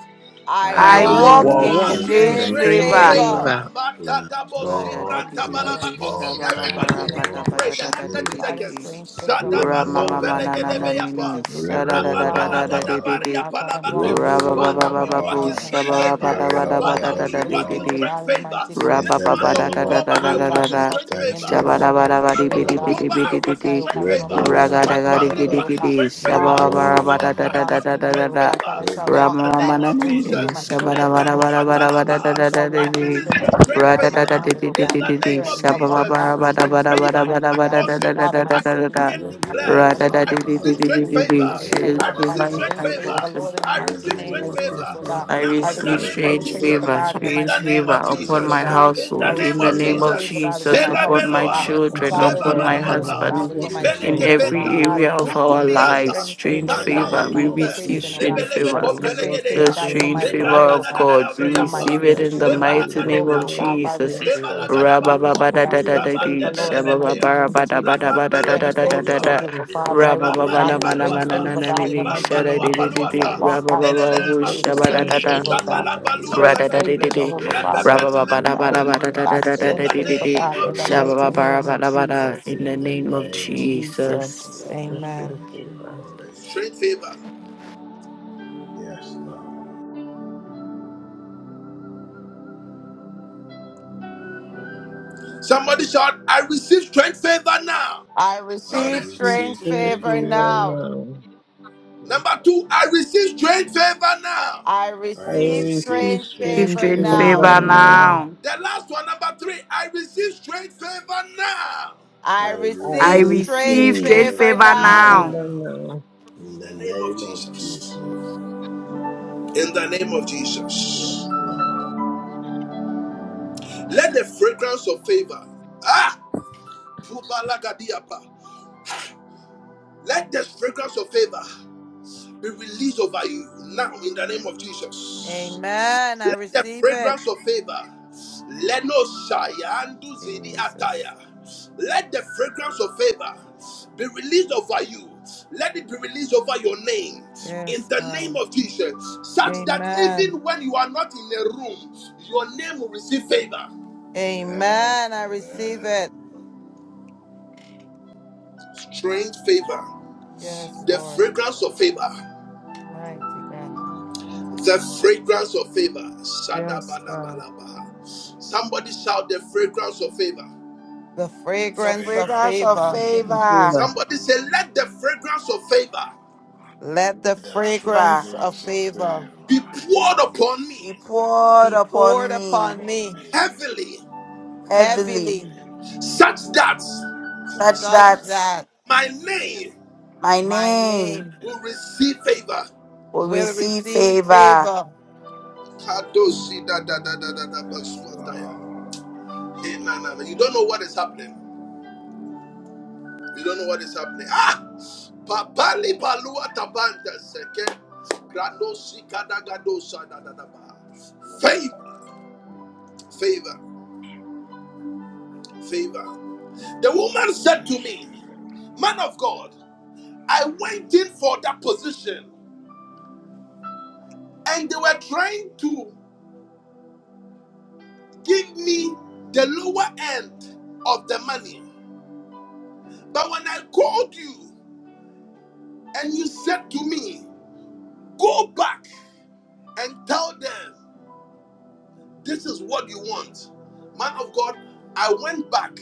I
I
I
I
I
I
walk
walk
in
walk
in
walk
walk
in
in
walk in
in
strange
strange
strange
strange
straight
strange
favor.
favor.
favor.
favor.
favor.
favor. Yes,
mighty name of
Lord.
Jesus, Father, I
Yes,
Ra-da-da-dee-dee-dee-dee,
thank
Makadaboshibrantabarabako.
you,
Lord.
oh God,
Thank
Everybody
you,
Father,
begin
I
to
walk,
Holy
pray.
oh
The
God.
next
Spirit.
God,
30
in
sha-ba-ba-ba-ra-ba-da-ba-da-da-da-dee-dee-dee-dee.
seconds.
strange favor, mighty God,
Rebo
in the mighty name
Wambara,
of Jesus,
Shadabazompelegedebeyapa.
Ra-ma-ma-ma-na-na-na-ni-ni,
oh God.
Rebo
Father, I thank
Wambara,
you, oh
sha-da-da-da-da-da-da-dee-dee-dee.
God, Father, I'm walking in
Rababalagadabariyapalabako.
strange
Rebo
Father,
favor
we
right
walk
now,
Ra-ba-ba-ba-ba-ba-boo,
in
that
Wambara,
my
straight
family and I,
favor.
Spirit
God, are
of the
walking
Father,
in
we
Living
strange
walk
favor,
in
sha-ba-ra-ba-da-ba-da-ba-da-da-da-dee-dee-dee.
God,
straight
God, in the
favor.
mighty name of
in
Rabba
This
the
Jesus.
month of
name
Lord,
of
I
October,
thank
I
you, God,
walk
for
in
the
Jesus,
Shabarabadi
traps
straight
of the
thank
enemy,
favor
you,
thou shalt not
Holy
this month of
prevail, oh
Bidi
Spirit.
God. I
Bidi
October, I
Bidi
profess,
walk in
I,
Bidi
oh
straight
God, over
favor.
my life,
Rebo
I
My
am
declare and
Ragadagadi
family
Wambara,
Gidi
declare, oh
walk in
God.
Gidi
straight favor.
Father, of
Rebo
this
My
Shabarabada
month
da
and the
da
wife
da
walk
balance
Wambara,
of
da
in
the
da da
year,
straight
oh
da
open
God, that
favor.
I shall
Rebo
In
walk, oh
the
Wambara,
God,
name
in
Ramamana
of
strange
Strange
favor, my
to
Jesus,
favor.
I am
I
children,
open
walk
my
Holy
Shabarabada
to
in
Medanu
husband,
Spirit,
oh
strange
God.
change.
da
favor.
We
Atalabaha.
da da.
shall
my
walk in
I
di
am
strange
ministry
I
favor,
straight
walk
God.
Rada da
My
in
da
favor.
di
mother,
di
strange
oh
di
In
di
God,
the
my
di
favor.
di
name
I
parents
of
walk
shall
in
walk out
Jesus,
in
strange
thank
Shabarabada bada
straight
strange
you.
favor. I
favor,
bada bada
favor
walk
is
mighty
my
in
bada
God.
strange
da
portion.
da da
Father,
da
favor.
open
my
to
da
I
da
the
da da
decree
siblings and
and
my family,
I
declare,
God,
Rebo
Rada
walk
shall
da
I
di
walk
in
di
out
di
receive
Wambara,
di
strange
straight
in and
favor.
di
favor.
everybody
I
shall
di
walk
I
Rebo
walk
in
out
receive
in
strange
straight
strange
Wambara,
favor.
favor,
favor.
di
Lord, in the
I
mighty
receive
I
name
straight
of
Rebo
work in
Jesus,
favor.
oh
spring
God.
I
Wambara,
Now,
fever.
I
I
in the
receive
work
receive
name
in
of
strange
strange
Rebo
spring
favor,
Wambara.
favor,
Jesus,
God, in
fever.
the
in
strange
the
mighty
name
favor
name of
of
I
I
Jesus,
upon
oh
my
Jesus,
work
God.
receive
in
in
I
the
thy
household,
spring
in
name
receive
the
of
fever
name
strange
favor
of
favor,
Jesus,
God, over
Jesus,
my
Sela
upon
house, oh
my
upon
Beloa,
God.
my
with
children,
my
house,
Father,
Seba
over
upon
entire
my
my
upon my
home,
family.
oh
Baluata,
husband,
We
God, over
work
family,
my
in
O
Ipele
in
spring
Lord.
children, oh
fever.
God,
every
Kepenta,
We
Father,
work
area
over
in
of
my
our
spring
finances,
fever.
lives.
strange
Tuntumiantas,
In
Strange
favor, oh
the
Tanta
God,
favor,
over my
name
We
we
of
work
Mantunte,
in
receive
education, oh God.
strange
spring
Jesus,
Lebelebe
I
favor.
fever.
receive
We
strange
work in
favor,
The
God,
spring
over
thank
Compelegedea,
strange
my
you.
fever.
favor
career,
Lekranda
oh
da
of
da
God
da da
God, we
We
over
work
my
Briampa,
receive
in
it
In
in the
spiritual
the
spring
Seba
walk
name
mighty
with
fever.
of
name
growth,
We
of
oh
work
Lagadibriampo,
God.
in
I
Jesus.
spring
receive
Jesus,
Seba
fever.
spiritual
thank you,
favor, oh
Lagadabampo,
God.
Holy
Strange favor,
Rabababadadadadadi,
Lord,
Spirit.
in the mighty
Sabandebelebepea,
name of Jesus.
Thank you,
Strange
Holy
We
favor,
work
shababababadabadabadadadadadada,
Jehovah,
rapampelebekosabaya,
in
Spirit.
Father.
spring
I walk,
fever.
God,
We
in
Reborn,
work
strange
in
favor,
ibambalibaluata,
reborn,
spring
God, in the
fever.
rabababadamanamanamananini,
We
mighty
work
name
in
of
spring
Jesus. I
shadadidididi,
ibambaluabaluata,
fever.
walk,
reborn,
God, in strange
lelelele
We
favor,
work
masute,
strange
in
rababababushabadadada.
favor, oh
spring
God.
fever. We work
Strange
in
favor,
zabalabaluapepepe,
spring
Ra-da-da-dee-dee-dee.
Jehovah,
fever.
Father. I seek you, God. I'm
reborn,
We work
walking,
repepelemetupeluata.
in the
God, in
In
string
strange
the
Holy
favor,
favor.
Ra-ba-ba-ba-da-ba-da-ba-da-da-da-da-da-dee-dee-dee.
We
name
God, in
of
work
the
in
Spirit,
the
O
mighty
string
Lord.
Jesus,
name
favor.
of
We
Sha-ba-ba-ba-ra-ba-da-ba-da.
work
Jesus.
in
In
the
the
In the
string
name of
name
favor.
of Jesus,
Jesus.
We
Jesus,
work in the
amen.
string
thank you,
favor.
Holy Spirit.
strength favor.
Yes, Lord.
Somebody shout, I receive strength favor now.
I
I
I
Shout
receive
it.
receive
receive
strange
string
strange
favor
favor
favor
now.
now.
now.
Thank you.
Number two, I receive strength favor now.
I
I
I
receive
I
receive
receive
strange
strange
Receive
string
received
favor
favor
strange
your
now.
favor
favor
now.
now.
favorite.
now.
The last one, number three, I receive strength favor now.
I
I
I
I
receive
I
receive
strange
receive
strange
received
receive
strange
favor
your
favor
favor
string
favorite.
now.
now.
favor
now.
now.
In
In the
the
name
Amen.
of
name of
Jesus.
Jesus.
in the name of Jesus.
Yes, Lord.
Let the fragrance of favor, ah, Pubalagadiapa, let the fragrance of favor be released over you now in the name of Jesus.
Amen. I
Let the
receive it.
fragrance of favor, Leno Shayandu Zidi
Jesus.
Ataya, let the fragrance of favor be released over you. Let it be released over your name in
Yes,
the name
God.
of Jesus, such that
Amen.
even when you are not in a room, your name will receive favor.
Amen.
Amen. I receive
Amen.
it.
strange favor,
Yes,
the
Yes,
Lord.
fragrance
Lord.
of favor,
Mighty God.
the fragrance of favor.
Yes, God.
Somebody shout the fragrance of favor.
The
The
The
fragrance of
fragrance
fragrance of
of
favor.
Lots of
favor.
favor,
favor.
Somebody say, Let the fragrance of favor
Let the
The
favor
fragrance of
fragrance of
favor
favor
be poured upon
be
me
poured
be poured
upon
upon
me
upon
me
me
heavily,
heavily,
heavily,
Heavenly,
such that
such
Such
such
that
that
that
my name
my
my
name
name
will receive favor.
will
will
receive
receive
favor.
favor. Amen.
yes, Lord.
Hey, You don't know what is happening. You don't know what is happening. Ah! Papali palua tabanda seke. Grando sikadagado sadadadaba. Favor, favor, favor. The woman said to me, Man of God, I went in for that position and they were trying to give me the lower end of the money. But when I called you and you said to me, Go back and tell them. This is what you want. Man of God, I went back.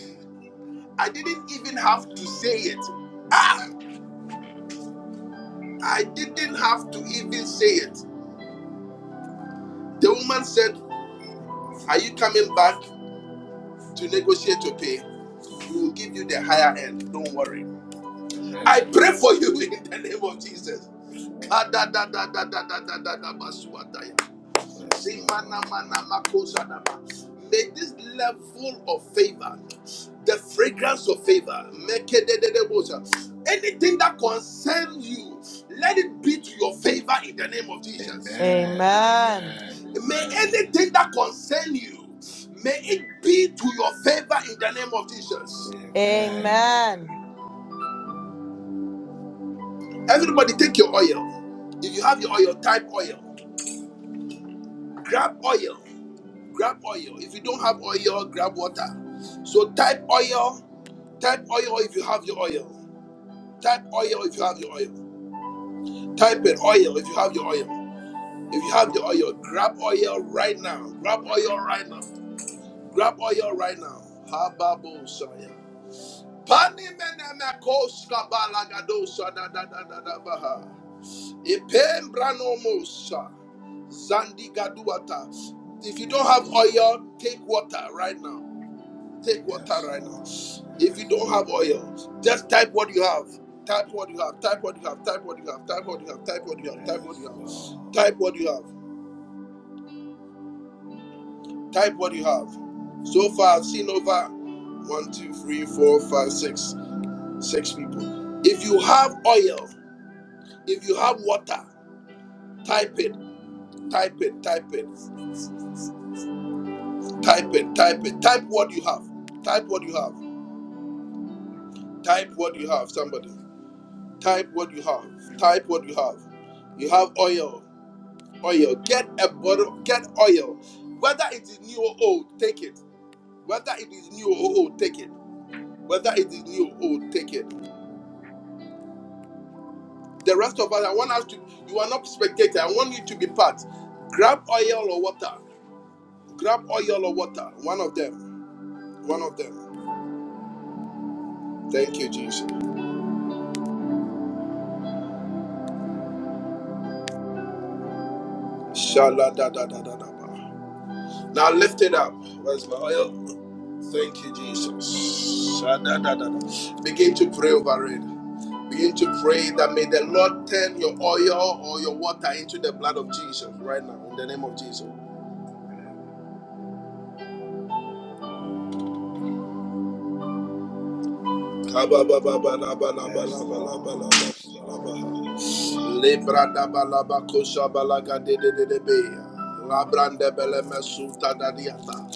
I didn't even have to say it. Ah, I didn't have to even say it. The woman said, Are you coming back to negotiate your pay? We will give you the higher end. Don't worry. I
Amen.
pray for you in the name of Jesus.
Bless the Lord.
May this level of favor, the fragrance of favor, anything that concerns you, let it be to your favor in the name of Jesus.
Amen.
Amen.
Amen.
May
Amen.
anything that concerns you, may it be to your favor in the name of Jesus.
Amen.
Amen.
Everybody, take your oil. If you have your oil, type oil. Grab oil. grab oil. If you don't have oil, grab water. So type oil, type oil if you have your oil. Type oil if you have your oil. Type in oil if you have your oil. If you have the oil, grab oil right now. Grab oil right now. Grab oil right now. Hababo Shaya. Pani menemekos kabalagado sa da da da da da baha. Ipem branomosa. Zandi gaduata. If you don't
Yes,
have
Lord.
oil, take water right now. Take water
Yes,
right now.
Lord.
If you
Yes,
don't
Lord.
have oil, just type what you have. Type what you have. Type what you have. Type what you have. Type what you have. Type what you have. Type what
Yes,
you have.
Lord.
Type what you have. Type what you have. So far, I've seen over one, two, three, four, five, six, six people. If you have oil, if you have water, type it. Type it. Type it. Type it. Type it. Type what you have. Type what you have. Type what you have. Somebody. Type what you have. Type what you have. You have oil. oil. Get a bottle, get oil. Whether it is new or old, take it. Whether it is new or old, take it. Whether it is new or old, take it. The rest of us, I want us to, you are not spectator. I want you to be part. Grab oil or water. Grab oil or water. One of them. One of them. Thank you, Jesus. Shala da da da da da. Now lift it up. Where's my oil? Thank you, Jesus. Sha da da da. Begin to pray over it. Begin to pray that may the Lord turn your oil or your water into the blood of Jesus right now in the name of Jesus.
Amen. Yes, Lord. Yes, Lord. Yes, Lord.
Lebra da balaba kosha balaga de de de de be. Labrande bele mesulta dadiata.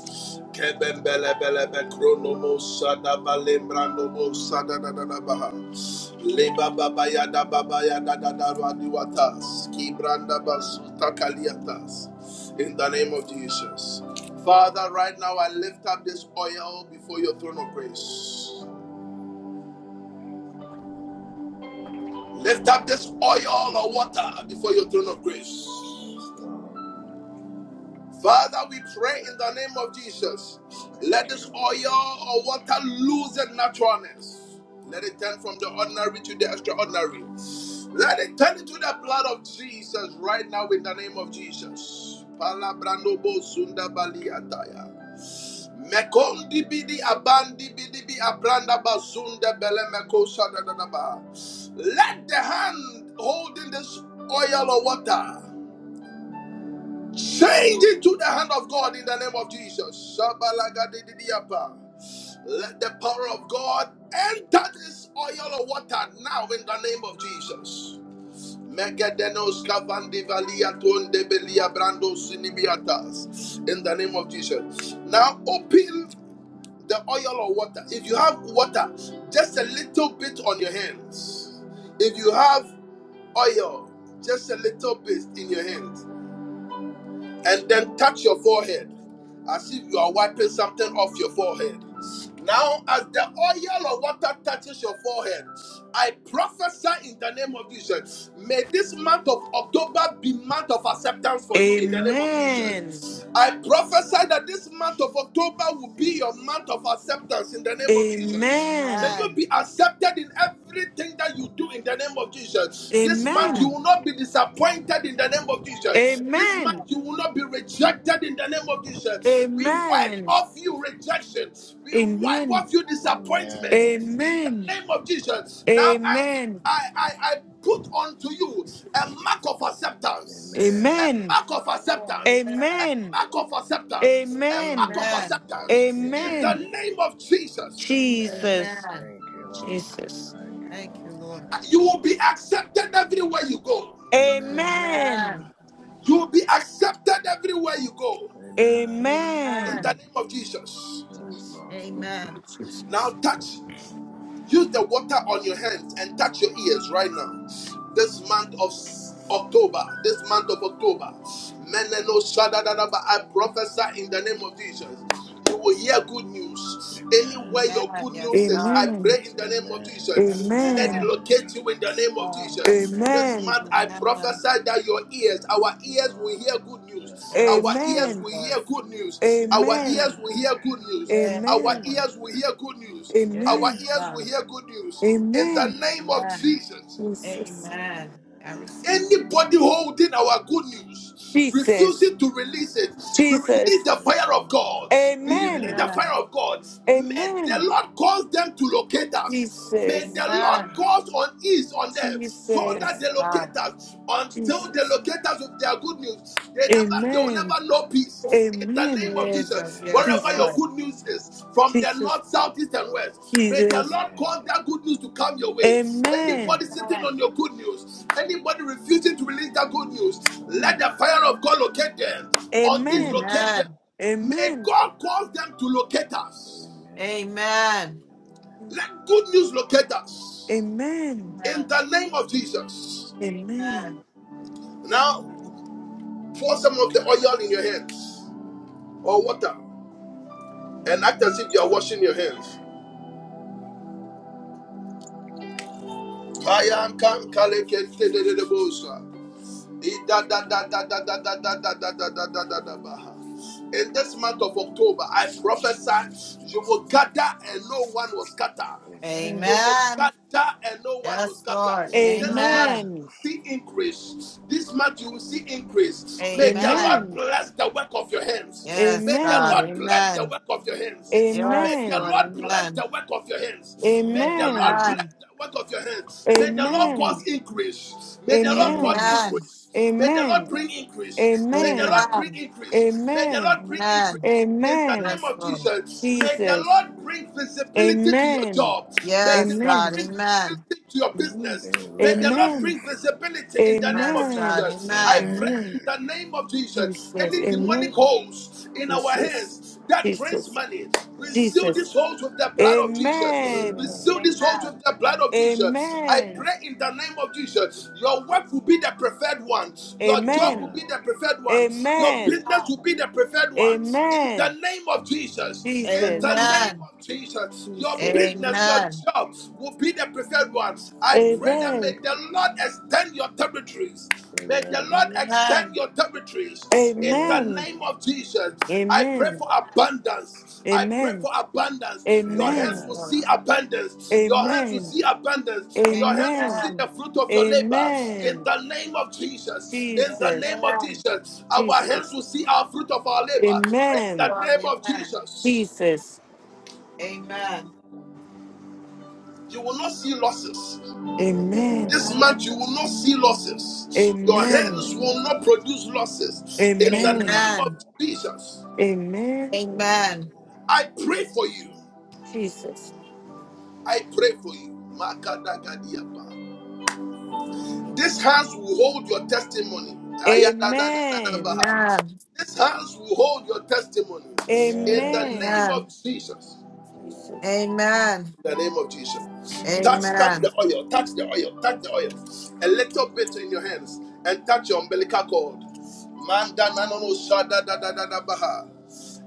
Keben bele bele da da da da baha. Leba baba ya da baba ya da da da ya kaliatas. In the name of Jesus. Father, right now I lift up this oil before your throne of grace. Lift up this oil or water before your throne of grace.
Yes, Lord.
Father, we pray in the name of Jesus. Let
Thank
this
you,
oil
Holy
or
Spirit.
water lose its naturalness. Let it turn from the ordinary to the extraordinary. Let it turn into the blood of Jesus right now in the name of Jesus. Palabranobo sundabali ataya. Mekondi bidi abandi bidi bi abranda bazunda bele meko sadadadaba. Let the hand holding this oil or water Change it to the hand of God in the name of Jesus. Shabalagadididiyapa. Let the power of God enter this oil of water now in the name of Jesus. Megadenos kavandi valia tonde belia brando sinimiatas. In the name of Jesus. Now open the oil of water. If you have water, just a little bit on your hands. If you have oil, just a little bit in your hands and then touch your forehead as if you are wiping something off your forehead. Now, as the oil of water touches your forehead, I prophesy in the name of Jesus. May this month of October be month of acceptance for you in the name of
Amen.
Jesus. I prophesy that this month of October will be your month of acceptance in the name of Jesus. May
Amen.
you
Amen.
be accepted in everything that you do in the name of Jesus. This month you
Amen.
Amen.
will not be disappointed in the name of Jesus.
Amen.
This month
Amen.
you will not be rejected in the name of Jesus. We wipe
Amen. Amen.
off you rejection. We wipe
Amen.
off you disappointment
Amen.
in
Amen.
the name of Jesus. Now I I I, I put onto you a mark of acceptance. A
Amen.
Amen.
mark of acceptance. A
Amen.
mark of acceptance.
Amen.
A mark
Amen.
of
Amen.
acceptance in the
Amen.
Amen.
name of Jesus.
Amen.
Jesus.
Amen.
Thank you, Lord.
Jesus.
Thank you,
Thank
Lord.
you, Lord.
Thank
You
you,
will
Lord.
be accepted everywhere you go.
Amen.
Amen.
Amen.
You will be accepted everywhere you go.
Amen.
In
Amen.
the
Amen.
name of Jesus.
Yes,
Jesus.
Lord.
Thank you,
Amen.
Now
Jesus.
touch. Use the water on your hands and touch your ears right now. This month of s- October, this month of October, Meneno Shadadadaba, I prophesy in the name of Jesus. You will hear good news. Anywhere
Amen.
your
Amen.
good
Yes,
news is, I
God.
Amen.
pray in the name of
Amen.
Jesus. Let it
Amen.
Amen.
Amen.
locate you in the
Yes,
name of
God.
Jesus. This
Amen.
month,
Amen.
I
Amen.
prophesy that your ears,
Yes,
our ears will
Lord.
hear good news.
Yes,
Our
Yes,
Lord.
ears
Amen.
will hear
Jesus.
good news. Our ears
Amen.
will
Amen.
hear good news.
Yes,
Our
Amen.
Lord.
ears
Amen.
will hear good news. Our
Amen.
Yes,
ears will
God.
Amen.
hear good news in the
Amen.
name
Amen.
of
Amen.
Jesus.
Jesus.
Amen. I
Amen.
receive
Anybody holding our good news,
Jesus.
refusing to release it, we release
Jesus.
the
Yes,
fire of
Lord.
God. We
it.
release
Amen.
the
Amen.
fire
Amen.
of God. May the
Amen.
Lord cause them to locate us. May
Jesus.
the
Amen.
Lord cause unease on them
Jesus.
so that
Yes,
they
Amen.
God.
locate us. Until
Amen.
they
Jesus.
locate us with their good news, they never they will
Amen.
never
Amen.
know peace. In the
Amen.
name of
Jesus.
Jesus,
Yes,
wherever your
Jesus.
Lord.
good news is, from the
Jesus.
north, south, east, and west, may
Amen.
the
Jesus.
Lord cause
Amen.
that good news to come your way.
Amen.
Anybody sitting
Amen.
on
Amen.
your good news, anybody refusing to release that good news, let
Mm.
the
Amen.
fire of God locate them. On is
Amen.
locate
Amen.
them.
Amen.
May
Amen.
God cause them to locate us.
Amen.
Amen.
Let good news locate us.
Amen.
In
Amen.
the name of Jesus.
Amen.
Amen.
Now, pour some of the oil in your hands or water and act as if you are washing your hands. Payan kan kale de bosa. In this month of October, I prophesy you will gather and no one will scatter.
Amen. Amen.
Mm.
You will
Amen.
gather and no one will
Yes,
scatter.
Lord.
Amen.
This month you
Amen.
Amen.
will see increase. This month you will see increase. May
Amen.
the
Amen.
Lord
Amen.
bless the work of your hands. May
Yes,
the
God.
Lord
Amen.
bless the
Amen.
work of your hands. May
Yes,
the
Amen.
Lord.
Lord bless
Amen.
the work of your hands. May the
Amen.
Lord
Amen.
bless the work of your hands. May the Lord
Amen.
Amen.
cause increase. May the Lord cause
Amen.
Amen.
increase. May the Lord
Amen.
bring increase. May the
Amen.
Lord bring
Amen.
increase. May the
Amen.
Lord bring increase.
Amen.
In the
Amen.
name
Yes,
of
Lord.
Jesus, may the
Jesus.
Lord bring visibility to your
Amen.
job. May the
Yes,
Lord
God.
Amen.
bring
Amen.
visibility to your
Amen.
business. May the Lord
Amen.
Amen.
bring visibility in the name of
Yes, God.
Amen.
Jesus. I
Amen.
pray
Amen.
in
Amen.
the name of Jesus.
Jesus.
Any demonic
Amen.
Amen.
holes in our
Jesus.
hands that drains
Jesus.
money, we
Yes,
seal
Jesus.
these holes with
Lord.
the blood of Jesus. We
Amen.
Jesus.
seal
Amen.
these holes
Amen.
with the blood of Jesus. I
Amen.
pray in the name of Jesus. Your work will
Yes.
be the preferred one. Your job will
Amen.
be
Amen.
the preferred one. Your
Amen.
business
Amen.
will be the preferred one. In the
Amen.
name of Jesus. In the
Jesus,
name
Amen.
of Jesus. Your business
Jesus.
business, your
Amen.
job will be the preferred one.
Amen.
I
Amen.
pray that may
Amen.
the Lord extend your territories.
Amen. Amen.
May the Lord extend
Amen.
your territories in the
Amen.
name of Jesus. I pray
Amen.
for abundance. I pray
Amen.
for abundance. Your
Yes,
Amen.
hands will
Lord.
see abundance. Your hands will
Amen.
see abundance.
Amen.
Your hands will
Amen.
see the fruit of your labor in
Amen.
the name of Jesus. In the
Jesus.
name of
Amen.
Jesus. Our hands
Jesus.
will see our fruit of our labor in
Yes,
the
Amen.
Lord.
name of Jesus.
Jesus.
Amen.
You will not see losses.
Amen.
This month
Amen.
you will not see losses. Your
Amen.
Amen.
hands
Amen.
will not produce losses.
Amen.
In the
Amen.
name
Amen.
of
Amen.
Jesus,
Amen.
Amen.
I pray for you.
Jesus.
I pray for you. Makadagadiapa. These hands will hold your testimony.
Amen.
Ayadadadadabaha.
Amen.
These hands will hold your testimony.
Amen.
In the
Amen.
Amen.
name of Jesus.
Amen.
Jesus.
In the name of Jesus.
Amen.
Amen.
Touch,
Amen.
touch
Amen.
the oil, touch the oil, touch the oil. A little bit in your hands and touch your umbilical cord. Manda nanono shada da da da da baha.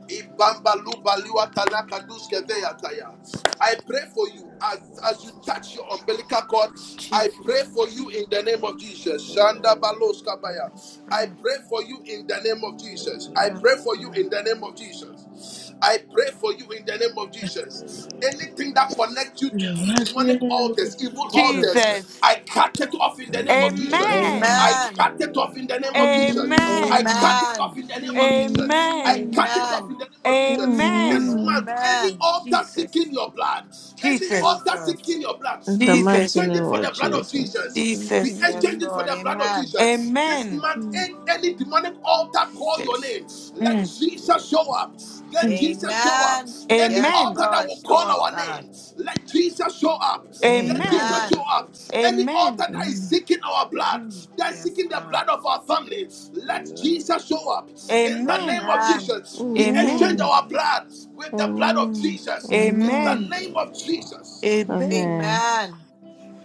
Ibamba luba liwa talaka duske veya taya. I pray for you
Yes,
as, as you touch your
Lord.
umbilical cord. I pray
Jesus.
for you in the name of Jesus. Shanda
Amen.
balos kabaya. I pray for you in the name of Jesus. I
Amen.
pray for you in the name of Jesus.
Amen.
I pray for you in the name of Jesus. Anything that connects you to
Your mighty
demonic
name, Lord
altars, evil
Jesus.
altars,
Jesus.
I cut it off in the name of Jesus.
Amen.
Amen.
I
Amen.
Amen.
cut it off in the
Amen.
name of Jesus. I
Amen.
cut
Amen.
it
Amen.
off in the name of Jesus.
Amen.
I
Amen.
Amen.
cut it off
Amen.
in the name of Jesus. This
Amen.
Amen.
month, any
Amen.
altar
Jesus.
seeking your blood, any
Jesus.
altar
Jesus.
seeking your blood,
In the
we
Yes,
mighty
Jesus.
exchange
name
it for
of
the blood of
Lord.
Jesus.
Jesus. We
Jesus.
Yes,
exchange
Amen.
it for
Lord.
the blood of
Amen.
Jesus. This
Amen.
month,
Amen.
any demonic altar call your
Jesus.
name. Let
Mm,
Yes,
Jesus
Lord.
show up. Let
mm.
Jesus show up.
Amen.
Any
Yes,
Amen.
altar that
Lord.
will
Show
call
up,
our
God.
name, let Jesus show up. Let
Amen.
Amen.
Jesus show
Amen.
Amen.
up. Any
Amen.
altar that is seeking our blood,
Mm.
that is
Yes,
seeking the
God.
blood of our family, let
Amen.
Jesus show up. In the
Amen.
name of
Amen.
Jesus, we exchange
Amen.
Amen.
our
Amen.
blood with the blood of
Amen.
Jesus. In the
Yes,
Amen.
name of
Lord.
Jesus,
Amen.
Amen.
Amen.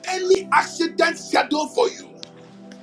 any accident scheduled for you.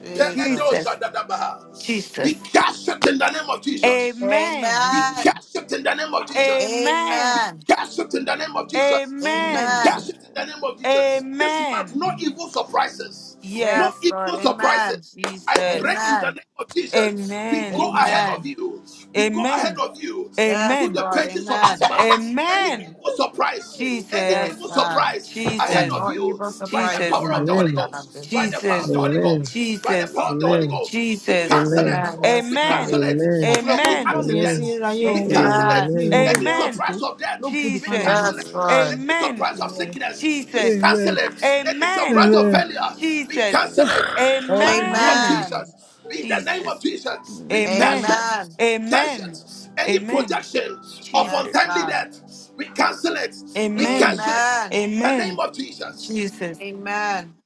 Jesus.
Jesus.
Peledosa dadabaha. We
Jesus.
cast it in the name of Jesus.
Amen.
We
Amen.
Amen.
cast it in the name of Jesus.
Amen.
We
Amen.
cast it in the name of Jesus. We
Amen.
Amen.
cast it in
Amen.
the name of Jesus. This month,
Amen.
no evil surprises. No
Yes,
Yes.
Lord.
evil surprises.
Amen.
I pray
Jesus.
in the
Amen.
name of Jesus. We
Amen.
go ahead
Amen.
of
Amen.
you. We go ahead
Amen.
of you
Yes,
into
Amen.
the
Lord.
pages of this
Amen.
month. Any
Amen.
evil surprise, any
Yes,
Jesus.
evil
God.
surprise ahead
Mm.
Jesus.
of
No
you
evil
by the
surprises,
Jesus.
power of the
mighty
Holy
God.
Amen.
Ghost,
There's
by
one
the power
for
of
Jesus.
the
them.
Holy
Amen.
Amen.
Ghost, by the
Jesus.
power of the Holy
Amen.
Ghost. We
Amen.
Jesus.
cancel
Amen.
it.
Amen.
Amen.
Yes,
We
God.
cancel
Amen.
it.
ẹ
Amen.
gbọ́dọ̀ kọ́
Any
ojú
Amen.
fáànù yẹn sí
Amen.
accidents,
ráyé o
we
Amen.
Jesus.
cancel it.
Amen.
Amen.
mi ì mọ bó ṣe
Amen.
Any
fẹ́ràn tì
Amen.
tó
surprise of
ló
death,
put the
we
fan on
Jesus.
you.
cancel it.
Yes,
Amen.
Lord.
Any
Amen.
surprise of
Yes,
sickness, we
Amen.
Jesus.
Lord.
cancel
Amen.
it. Any
Amen.
surprise of
Amen.
failure,
Amen.
we
Jesus.
cancel it.
Amen.
In the name of
Amen.
Amen.
Jesus, in the name of
Jesus.
Jesus, we
Amen.
cancel
Amen.
it.
Amen.
We cancel it.
Amen.
Any
Amen.
projection of
Yes,
Jesus.
untimely
God.
death, we cancel it. We
Amen.
cancel it. In
Amen.
the name
Amen.
of Jesus,
Jesus.
Amen.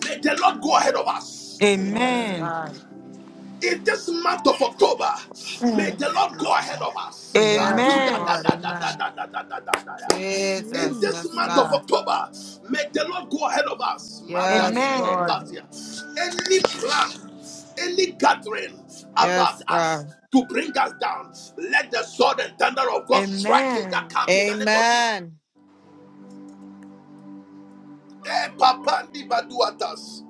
may the Lord go ahead of us.
Amen.
Yes,
Amen.
Amen.
God.
in this month of October, may the
Thanks,
Lord go
Jesus.
ahead of
The
us.
Yes,
Sadu da da
Amen.
Amen.
ranchers.
Lord.
da da da
Amen.
da da da da da In
Jesus.
this
Yes,
month
Mm-hmm.
of
God.
October, may the Lord go ahead of us.
Yes,
Madanimi
Amen.
Amen.
Lord.
atasia. Any plan, any gathering about
Yes,
us
God.
to bring us down, let the sword and thunder of God strike in that
Amen.
camp in the name of Jesus.
Amen.
Eh, papandi baduatas.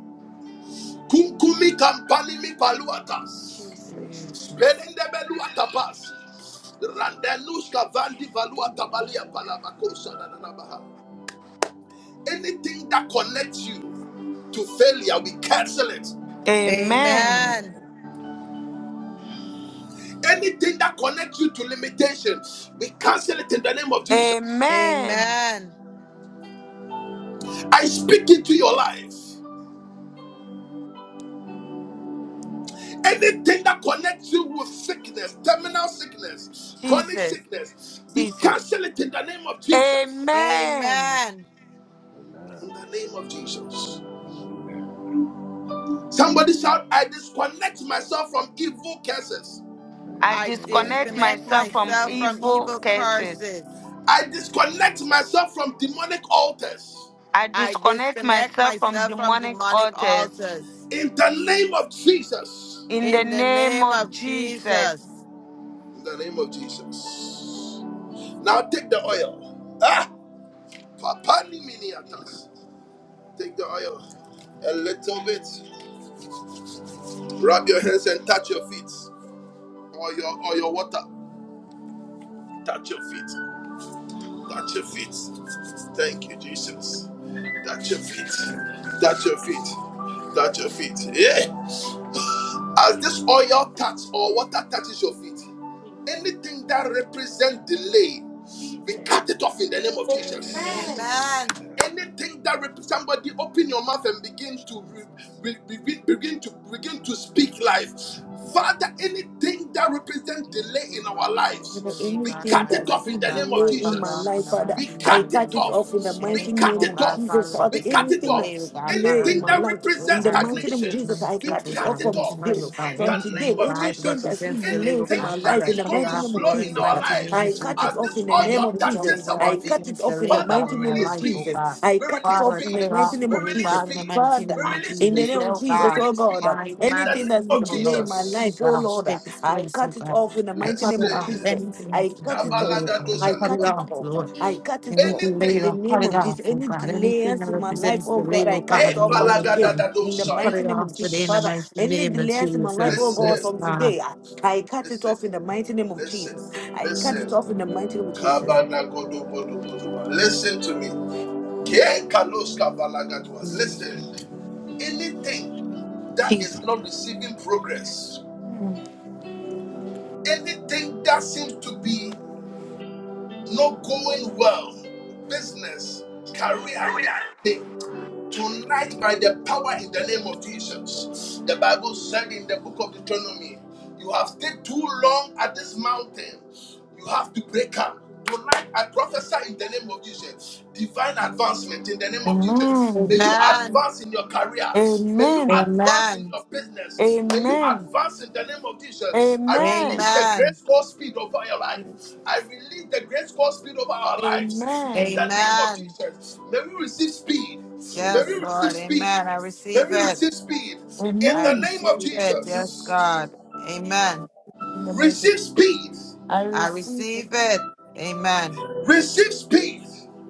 Kunkumi kampani mi paluatas.
Jesus.
Jesus.
Spelinde belua kapasi. Randeluska vandi valua kabalia
Amen.
palabakosa dananabaha. Anything that connects you to failure, we cancel it.
Amen.
Amen.
Amen.
Anything that connects you to limitation, we cancel it in the name of Jesus.
Amen.
Amen.
I speak into your life. Anything that connects you with sickness, terminal sickness, chronic
Jesus.
sickness, we
Jesus.
cancel it in the name of Jesus.
Amen.
Amen.
In the
Amen.
name of Jesus.
Amen.
Amen.
Somebody shout, I disconnect myself from evil curses.
I
I
I
disconnect
disconnect
myself.
disconnect
myself from
myself from
evil
evil
curses.
curses.
I disconnect myself from demonic altars.
I
I
disconnect
disconnect
myself from
myself from
demonic
demonic
altars
altars.
In the name of Jesus.
in the
In the
name
name
of
of
Jesus.
Jesus.
In the name of Jesus. Now take the oil. Ah, papani miniatas. Take the oil. A little bit. Rub your hands and touch your feet. Or your or your water. Touch your feet. Touch your feet. Thank you, Jesus. Touch your feet. Touch your feet. Touch your feet. Yeah. As this oil touch or water touches your feet, anything that represents delay, we
Jesus.
cut it off in the name of
Amen.
Amen.
Jesus.
Amen.
Amen.
Anything that represents somebody, open your mouth and begin to re- be- be- begin to begin to speak life. Father, anything that represents
Yes,
delay
Anything
in
that
our
represents
Lord.
Father,
the
lives,
lead
we
God in
anything
cut
my
Anything
it
that
that's
life,
off in
oh
big
the
God,
name
represents
of
delay
Father, cut
in
it
my
off in
life,
the
Jesus.
Father,
We
mighty
I
name of
cut
cut
it
it
off.
Jesus.
off in the
salvation of
We
mighty
Anything,
cut
name
oh
it
all.
of
God,
Jesus.
Father, that
off.
Father,
We cut
represents
it
the
anything that's
lead of
off.
big
God,
delay
Father,
in
Anything
my
and
that
life,
oh
in
represents
the
God, as a
mighty name
Jesus,
of
Stagnation,
Jesus,
footman,
I
we
mighty
foot,
cut
oh
it
name,
cut
off
God,
it
with
from
a
off
Holy
smile,
today.
oh God,
in
From
the
anything,
today,
name
oh
of
God, that
anything
Crackle of
that's
Jesus.
represents
been
the lead
delays
of
in
Anything
God,
my
Katalafish,
Father,
that
life,
I
in
is
the
cut it
mighty
going
destroy
off,
name of
slow
Lord, in
in
the
Jesus,
our
mighty
every
life,
name
I
of
cut
spirit
as
it
Jesus.
of
off
this
in the name
oil
of
delay,
Anything, Jehovah,
touches
Jesus.
that
every
our
I
feet,
cut
spirit
it
represents
of
the
off in the
lead,
Father, we
God,
mighty
in
failure.
my
name
release
of
life, oh
Jesus.
speed,
God.
I
we
cut it
release
Father, I
off in
cut
the
speed,
it
Lord
mighty
off
name
we
of
today,
release
Jesus.
God, in the
speed,
mighty
Father,
we
name of
release
in the
Jesus.
speed,
name of
Oh
we
Jesus,
God,
oh
release
God,
speed
uh,
my
in the
command,
name
anything that's
see,
of
been
oh
delaying
Lord,
my life,
speak,
oh
God,
Jesus.
Lord, uh,
take its
I
place, oh
cut it
God.
off in the
I
mighty
cut
Let's
name
it
of
say,
off.
Jesus.
Anything
I
that's
cut it off.
related, God, we
I
cut it
cut
Kabalagadoshalaba.
it
off,
off.
Lord.
I cut it off
Anything
in
later,
the
I'll
anything,
cut
name
it
of
off,
Jesus.
oh
Any
God. Anything
delays
that
in my life,
represents
oh
the
God, I
label,
cut it
God,
eh,
in
off
your
from
life,
today.
God.
In the
We cut
mighty
it
Palagadadadosaya.
name of
off
Jesus,
today in the
Father,
mighty
any
name of
delays in my life, oh
Jesus.
God,
Yes,
from
listen,
God.
today, I, I cut it
listen,
off in the mighty name of Jesus.
listen,
I cut it
listen.
off in the mighty name of Jesus.
Amen.
Abanagodogodogodua. Listen to me. Ke kaloska valagadua.
Amen.
Listen, anything that is
Jesus.
not receiving progress, anything that seems to be not going well, business, career, anything, tonight by the power in the name of Jesus, the Bible said in the book of Deuteronomy, you have stayed too long at this mountain. You have to break up. Tonight, I prophesy in the name of Jesus. Divine advancement in the name of Jesus. May
Amen.
you advance in your career. May you
Amen.
advance in
Amen.
your business. May you
Amen.
advance in the name of Jesus. I release
Amen.
the
Amen.
grace called speed over your life. I
Jesus.
release the grace called speed over our lives. In
Amen.
the name
Amen.
of
Amen.
Jesus. May we receive speed. May we
Yes,
Amen.
receive
Lord.
speed.
Amen. I
May
receive
we
it.
receive speed. In
I
the
Amen.
name of
receive it. Yes,
Jesus.
God. Amen.
In the mighty name.
Receive speed.
I
I
receive it.
receive it. Amen.
Receive speed.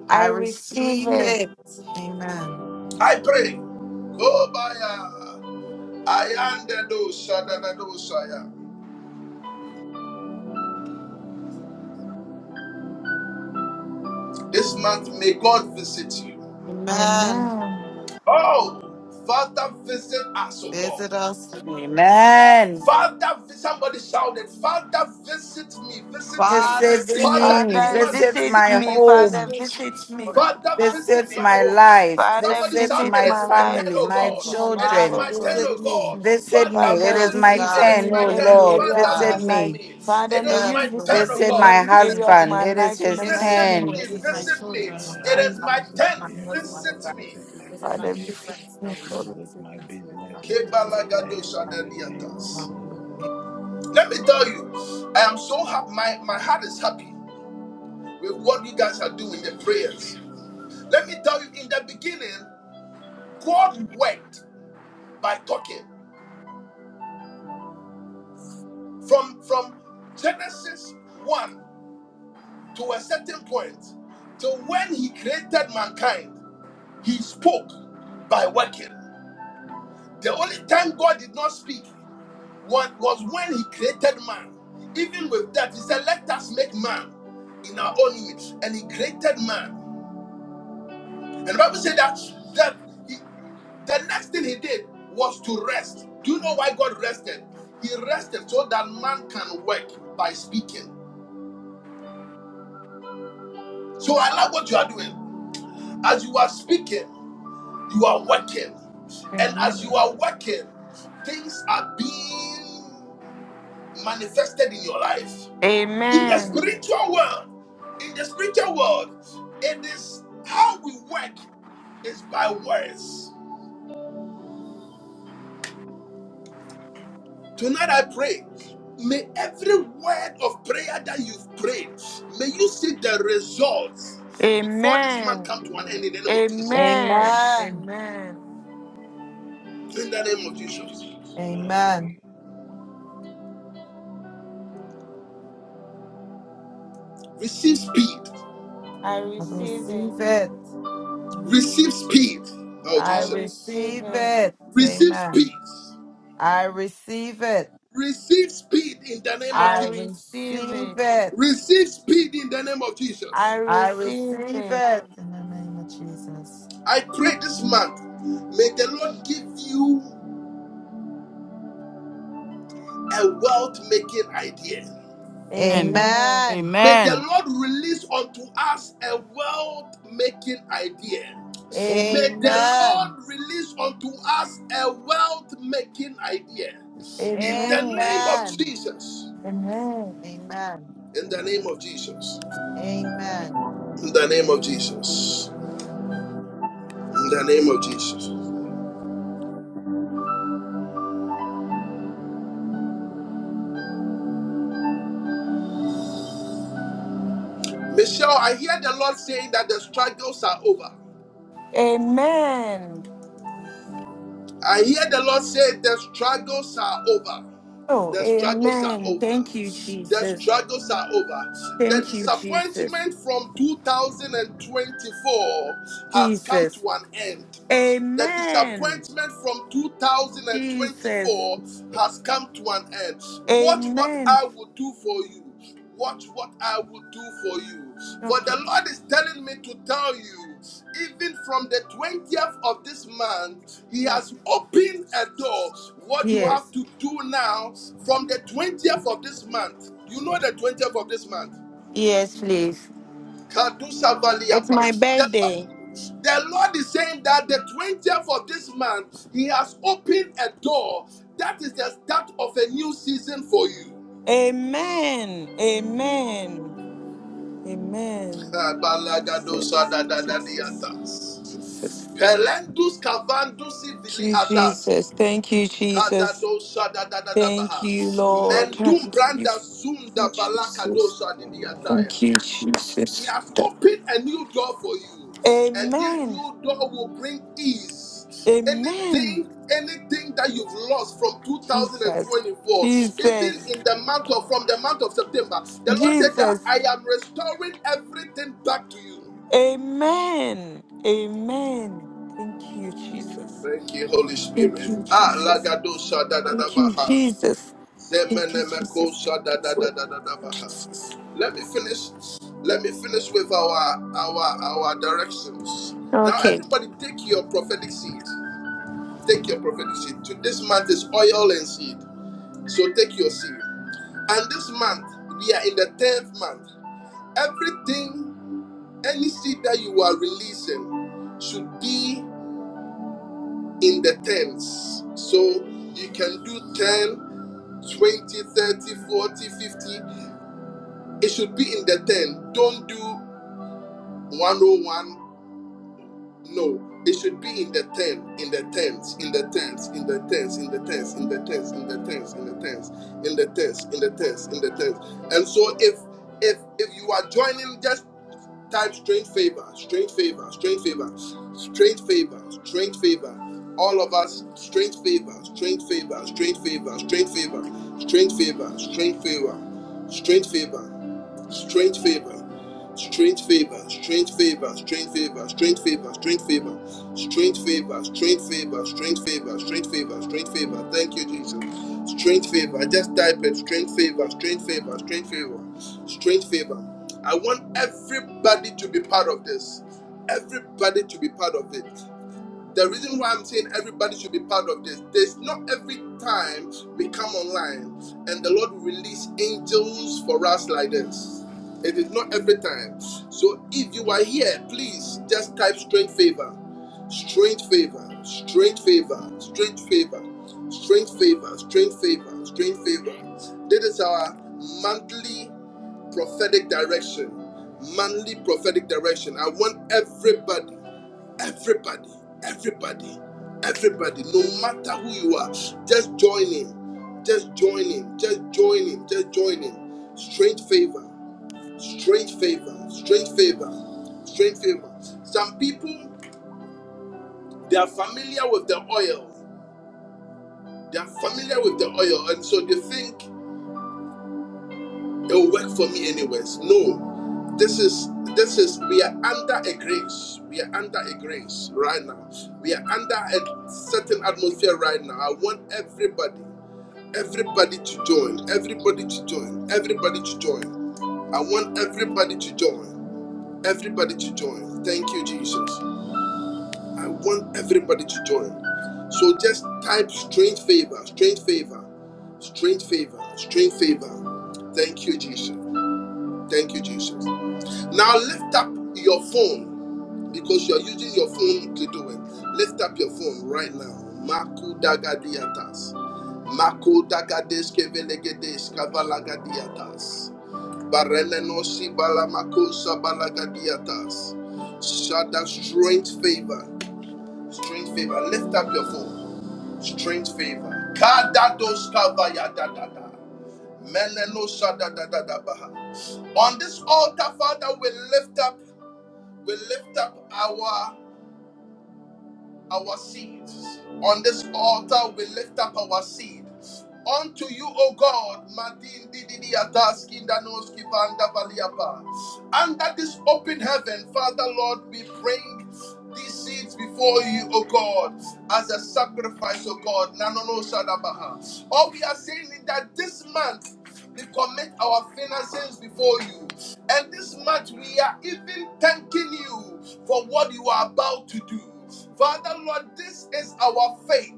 I
I
receive
receive
it.
it. Amen.
I pray. Kobaya. Ayandado shadadado shaya. This month, may God visit you.
Amen.
Amen.
Oh, Father, visit us, O God.
Visit us. Lord.
Amen.
Father, somebody shouted, Father, visit me, visit me.
Father,
Visit
visit
Father,
me,
this
Father,
me.
man,
visit
visit
visit
my
me.
me,
Visit
visit
Father,
home.
me.
me,
visit me.
Lord.
Father,
Father,
visit
Visit
my
my
visit
home.
me.
life.
Father,
Somebody
Visit
shout,
visit
It
my
my
is
Visit
my
me,
life,
turn,
family,
oh
my
visit
God.
Jehovah.
my
It
life,
is
Father,
oh
children.
my turn,
God,
oh
visit
visit
me.
God.
me.
Visit me.
Father,
It
Father,
is
visit
Yes,
my
me.
visit
It
God.
is
me
turn,
in
Visit
my
oh
turn.
every
me,
Lord.
Lord
area of
Father,
my
Visit
God.
visit
life.
me.
me.
Father,
It
may
is
you
my
Yes,
turn,
Lord.
visit
oh
me
Visit
in
God.
my
every area
Visit
of
me.
husband.
my
It is
life in the
his
Visit
mighty
Visit
me.
name of
me,
turn.
Visit my
Jesus.
visit me.
children, oh
It
God.
is
Jesus.
Amen.
Father,
my
Visit
Visit my
turn.
me, O
husband, oh
Lord.
God.
Visit me.
Visit my
Visit my
Father,
family.
visit
parents,
me, oh
Lord.
Lord.
My
Visit my
siblings and their
business. It
families.
is
Visit
my
them, oh
time in
God.
the name of
Kebalagadoshadadiatas.
Jesus.
Hallelujah.
Let me tell you, I am so happy. My, my heart is happy with what you guys are doing the prayers. Let me tell you, in the beginning, God worked by talking. From, from Genesis 1 to a certain point, to when He created mankind, He spoke by working. The only time God did not speak wa- was when He created man. Even with that, He said, Let us make man in our own image. And He created man. And the Bible said that, that he, the next thing he did was to rest. Do you know why God rested? He rested so that man can work by speaking. So I love what you are doing. As you are speaking, you are working. And as you
Amen.
are
Amen.
working, things are being manifested in your life. In the
Amen.
Amen.
spiritual world, in the spiritual world, it is how we work is by words. Tonight I pray. May every word of prayer that you've prayed, may you see the results before this month
Amen.
come to an end in
Amen.
the name of Jesus.
Amen.
Amen.
Amen.
In the name of Jesus.
Amen.
Amen.
Receive speed.
I
I
receive
receive
it.
it.
Receive speed. Oh
I
I
Jesus.
receive
receive
it.
it.
Receive
Amen.
speed.
I receive it.
Receive speed in the name of
I
I
Jesus.
receive
receive
it.
it.
Receive speed in the name of
I
Jesus.
I
receive
receive
it.
it in the name of Jesus.
I pray this month, may the Lord give you a wealth making idea.
Amen.
Amen.
Amen.
May the
Amen.
Lord release unto us a wealth making idea.
Amen.
May the
Amen.
Lord release unto us a wealth making idea. In the
Amen.
name of
Amen.
Jesus.
Amen.
Amen.
Amen.
In the name
Amen.
of Jesus.
Amen.
In the name of Jesus.
Amen.
In the name of Jesus.
Amen.
Michelle, I hear the Lord saying that the struggles are over.
Amen.
I hear the Lord say, The struggles are over.
Oh,
The struggles are
amen.
over.
Thank you,
The
Jesus.
struggles are over. The
Thank you, Jesus.
disappointment from 2024 has come
Jesus.
to an end. The
Amen.
disappointment from
Jesus.
2024 has come to an end. Watch what
Amen.
I will do for you. Watch what I will do for you. For
Okay.
the Lord is telling me to tell you, even from the 20th of this month, He
Yes.
has opened a door. What you have
Yes.
to do now, from the 20th of this month, you know the 20th of this month.
Yes, please.
Kadusa
It's my
Valiapa. The Lord
birthday.
the Lord is saying that the 20th of this month, He has opened a door that is the start of a new season for you.
Amen. Amen. Amen. Jesus. Jesus. Jesus.
Pelendus kavandusi vili atasi.
Jesus. Thank you, Jesus. Thank
Kadadosadadadadabaha.
you,
Amen.
Lord.
Mendum
Thank you,
branda zunda
Jesus.
balakadosa
Thank
didiataya.
Amen.
you,
He
Jesus.
has opened a new door for you, and this
Amen.
new door will bring ease.
Amen.
Anything, anything that you've lost from
Jesus.
2024,
Yes,
even
Jesus.
in the month of from
Lord.
the month of September, the Lord said that
Jesus.
I am restoring everything back to you.
Amen. Amen. Thank you, Jesus.
Thank you, Holy
Thank
Spirit.
you,
Ah,
Jesus.
lagado
Thank you,
shadadadabaha.
Jesus. Thank you, Jesus. Jesus.
Let me finish. Let me finish with our our our directions. Now,
Okay.
everybody, take your prophetic seed. Take your prophetic seed. To- This month is oil and seed, so take your seed. And this month, we are in the tenth month. Everything, any seed that you are releasing, should be in the tens. So you can do 10, 20, 30, 40, fifty. It should be in the 10. Don't do 101. No. It should be in the 10, in the tens, in the tens, in the tens, in the tens, in the tens, in the tens, in the tens, in the tens, in the tens, in the tens. And so if if if you are joining just Type strange favor, strange favor, strange favor, strange favor, strange favor. All of us, strange favor, strange favor, strange favor, strange favor, strange favor, strange favor, strange favor, strange favor. Strange favor, strange favor, strange favor, strange favor, strange favor, strange favor, strange favor, strange favor, strange favor, strange favor. Thank you, Jesus. Strange favor. just type it. Strange favor, strange favor, strange favor, strange favor. I want everybody to be part of this. Everybody to be part of it. The reason why I'm saying everybody should be part of this, there's not every time we come online and the Lord will release angels for us like this. It is not every time. So if you are here, please just type strange favor, strange favor, strange favor, strange favor, strange favor, strange favor, strange favor. This is our monthly prophetic direction, manly prophetic direction. I want everybody, everybody, everybody, everybody, no matter who you are, just join in, just join in, just join in, just join in. Strange favor, strange favor, strange favor, strange favor. Some people they are familiar with the oil, they are familiar with the oil, and so they think. It will work for me anyways. No, this is this is we are under a grace. We are under a grace right now. We are under a certain atmosphere right now. I want everybody, everybody to join, everybody to join, everybody to join. I want everybody to join, everybody to join. Thank you, Jesus. I want everybody to join. So just type strange favor, strange favor, strange favor, strange favor. Thank you, Jesus. Thank you, Jesus. Now lift up your phone because you're using your phone to do it. Lift up your phone right now. Maku dagadiatas. Maku dagades kevelegedes
Yes, Lord.
kavalagadiatas. Barelenosi balamakosa balagadiatas. Shada strange favor. Strange favor. Lift up your phone. Strange favor. Kadados kavaya dadada. Melenosa dadadada baha. On this altar, Father, we lift up we lift up our our seeds on this altar we lift up our seed unto you o god Madin Dididi Ataski Ndanoski Vanda Valiapa. under this open heaven father lord we bring these seeds before you, O God, as a sacrifice, O God. Nanono Shadabaha. All we are saying is that this month we commit our finances before you. And this much, we are even thanking you for what you are about to do. Father,
Amen.
Lord, this is our faith.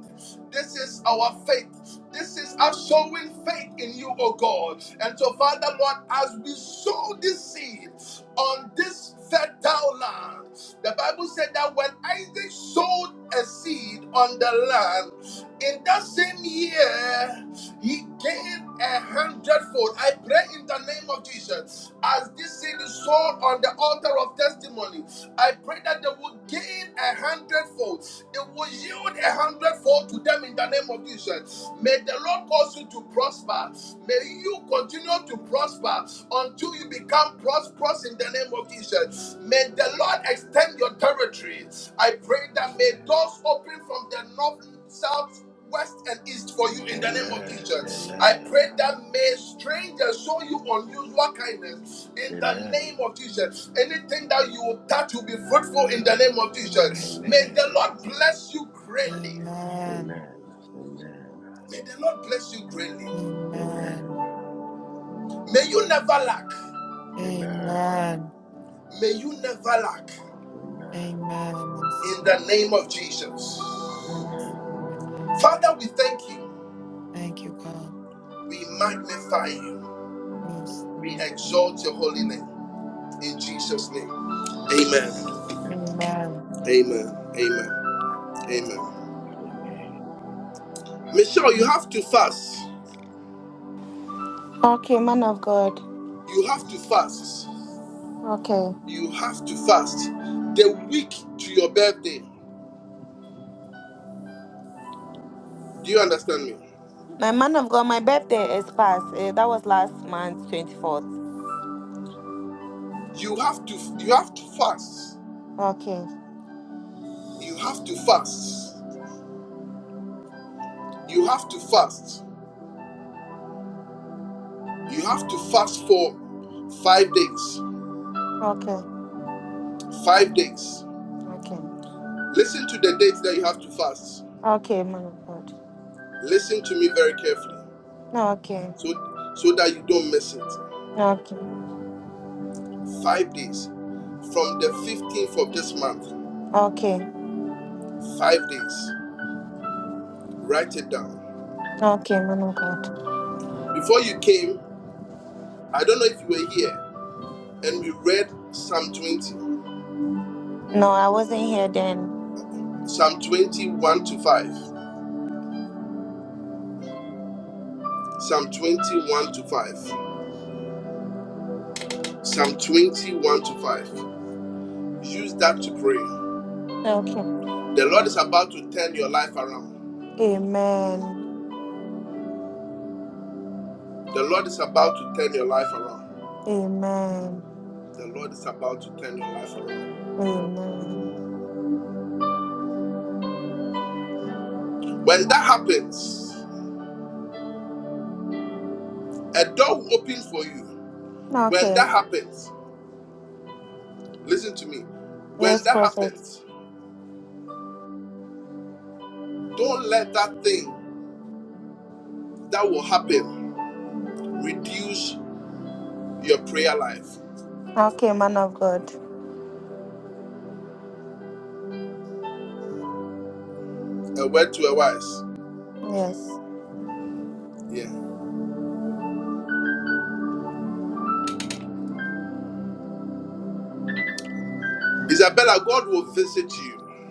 This is our faith. This is us showing faith in you, O God. And so, Father, Lord, as we sow this seed on this fertile land, the Bible said that when Isaac sowed a seed on the land, in that same year, he gave a hundredfold. I pray in the name of Jesus. As this seed is sown on the altar of testimony, I pray that they will gain a hundredfold. It will yield a hundredfold to them in the name of Jesus. May the Lord cause you to prosper. May you continue to prosper until you become prosperous in the name of Jesus. May the Lord extend your territory. I pray that may doors open from the north, south, west and east for you in the name of
Amen.
Jesus. I pray that may strangers show you unusual kindness in the name
Amen.
of Jesus. Anything that you will touch will be fruitful in the name of
Amen.
Jesus. May the
Amen.
Lord bless you greatly.
Amen.
Amen.
Amen. Amen.
May the Lord bless you greatly.
Amen.
Amen.
May you never lack.
Amen.
Amen.
May you never lack
Amen.
Amen.
in the name of Jesus.
Yes, Lord. Amen.
Father, we thank you.
Thank you, God.
We magnify you.
Yes,
We
Lord.
exalt your holy name. In Jesus' name,
Amen.
amen.
Amen.
Amen.
Amen. Amen. Amen.
Amen.
Michelle, you have to fast.
Okay, man of God.
You have to fast.
Okay.
You have to fast. The week to your birthday. Do you understand me?
My man of God, my birthday is past. Eh, that was last month, 24th.
You have to you have to fast.
Okay,
You have to fast. You have to fast. You have to fast for 5 days.
okay,
5 days.
okay,
Listen to the dates that you have to fast.
okay, man of God.
Listen to me very carefully
No, okay,
so so that you don't miss it.
okay,
Five days. From the 15th of this month.
okay,
Five days. Write it down.
okay, man of God.
Before you came, I don't know if you were here, and we read Psalm 20,
No, I wasn't here then.
Psalm 21 to 5. Psalm 21 to 5. Psalm 21 to 5. Use that to pray.
Okay.
The Lord is about to turn your life around.
Amen.
The Lord is about to turn your life around.
Amen.
The Lord is about to turn your life around.
Amen.
When that happens, a door will open for you. When
Okay.
that happens, listen to me. When
Yes,
that
prophet.
happens, don't let that thing that will happen reduce your prayer life.
Okay, man of God.
A word to a wise.
Yes.
Yeah. Isabella, God will visit you.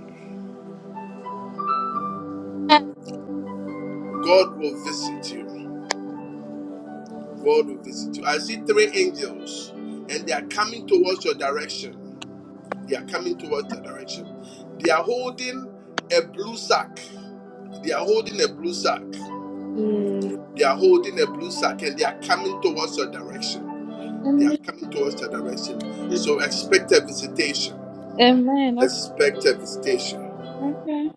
God will visit you. God will visit you. I see three angels and they are coming towards your direction. They are coming towards your direction. They are holding a blue sack. They are holding a blue sack.
Yes.
They are holding a blue sack and they are coming towards your direction. They are coming towards that direction. So expect a visitation.
Amen. Okay.
Expect a visitation.
Okay.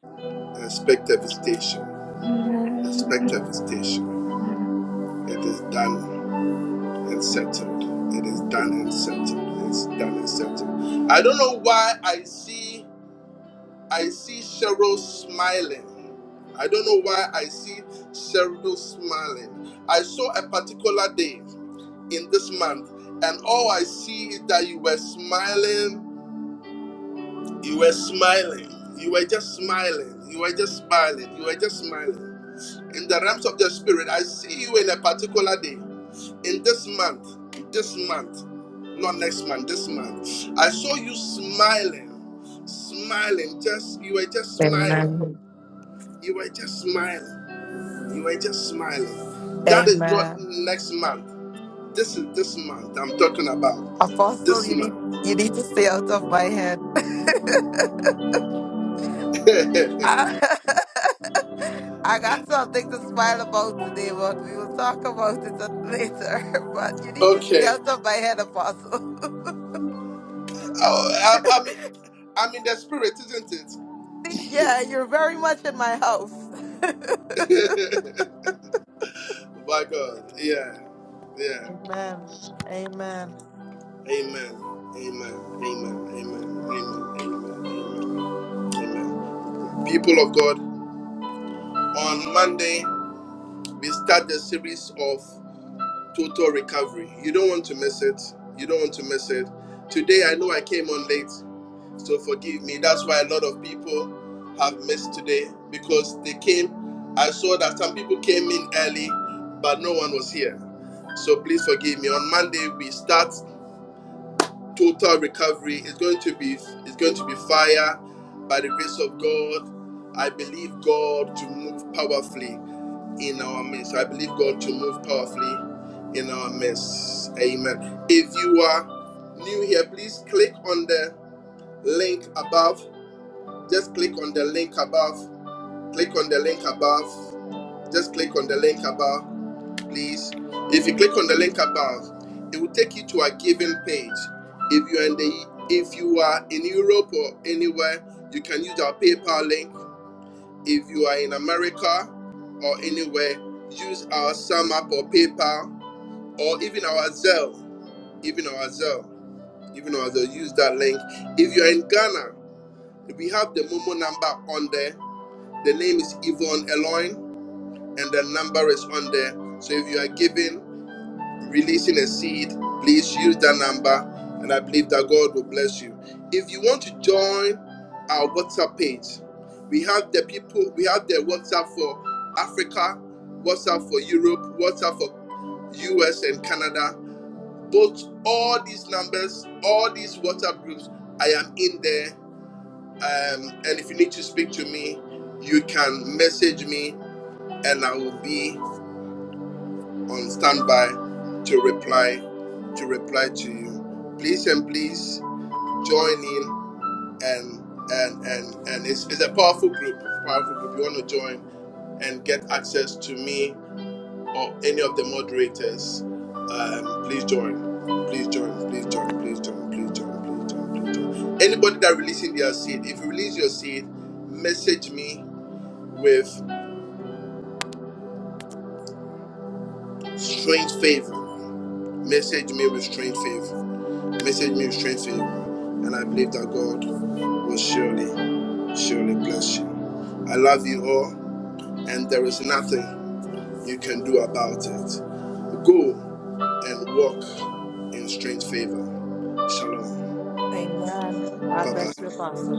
Expect a visitation.
Amen.
Expect a visitation. It is done and settled. It is done and settled. It's done and settled. I don't know why I see I see Cheryl smiling. I don't know why I see Cheryl smiling. I saw a particular day in this month, and all I see is that you were smiling You were smiling. You were just smiling. You were just smiling. You were just smiling. In the realms of the spirit, I see you in a particular day. In this month, this month, not next month, this month. I saw you smiling. Smiling. Just you were just smiling.
Amen.
You were just smiling. You were just smiling. That is not
Amen.
next month. This is this month I'm talking about.
Apostle,
This
you need
month.
you need to stay out of my head. I, I got something to smile about today, but we will talk about it at- later. But you need to stay
okay.
out of my head, Apostle.
Oh, I, I mean, I'm in the spirit, isn't it?
See, yeah, you're very much in my house.
By God. Yeah. Yeah.
Amen. Amen.
Amen. Amen. Amen. Amen. Amen. Amen. Amen. People of God, on Monday, we start the series of total recovery. You don't want to miss it. You don't want to miss it. Today, I know I came on late. So forgive me. That's why a lot of people have missed today because they came. I saw that some people came in early, but no one was here. So please forgive me. On Monday we start total recovery. It's going to be it's going to be fire by the grace of God. I believe God to move powerfully in our midst. I believe God to move powerfully in our midst. Amen. If you are new here, please click on the link above just click on the link above. Click on the link above. Just click on the link above, please. If you click on the link above, it will take you to a giving page. If you are in the if you are in Europe or anywhere, you can use our PayPal link. If you are in America or anywhere, use our SumUp or PayPal or even our Zelle. Even our Zelle. Even our Zelle, use that link. If you are in Ghana, we have the Momo number on there. The name is Yvonne Eloin, and the number is on there. So if you are giving, releasing a seed, please use that number, and I believe that God will bless you. If you want to join our WhatsApp page, we have the people, we have the WhatsApp for Africa, WhatsApp for Europe, WhatsApp for US and Canada. Both all these numbers, all these WhatsApp groups, I am in there. Um, and if you need to speak to me, you can message me and I will be on standby to reply to reply to you. Please and please join in and and and and it's, it's a powerful group, powerful group. You want to join and get access to me or any of the moderators. Um, please join. Please join. Please join. Please join. Please join. Please join. Please join. Anybody that releasing their seed, if you release your seed, message me with strange favor. Message me with strange favor Message me with strength in and I believe that God will surely, surely bless you. I love you all, and there is nothing you can do about it. Go and walk in strange favor. Shalom.
Amen. God
Bye bye.
bless you, Apostle.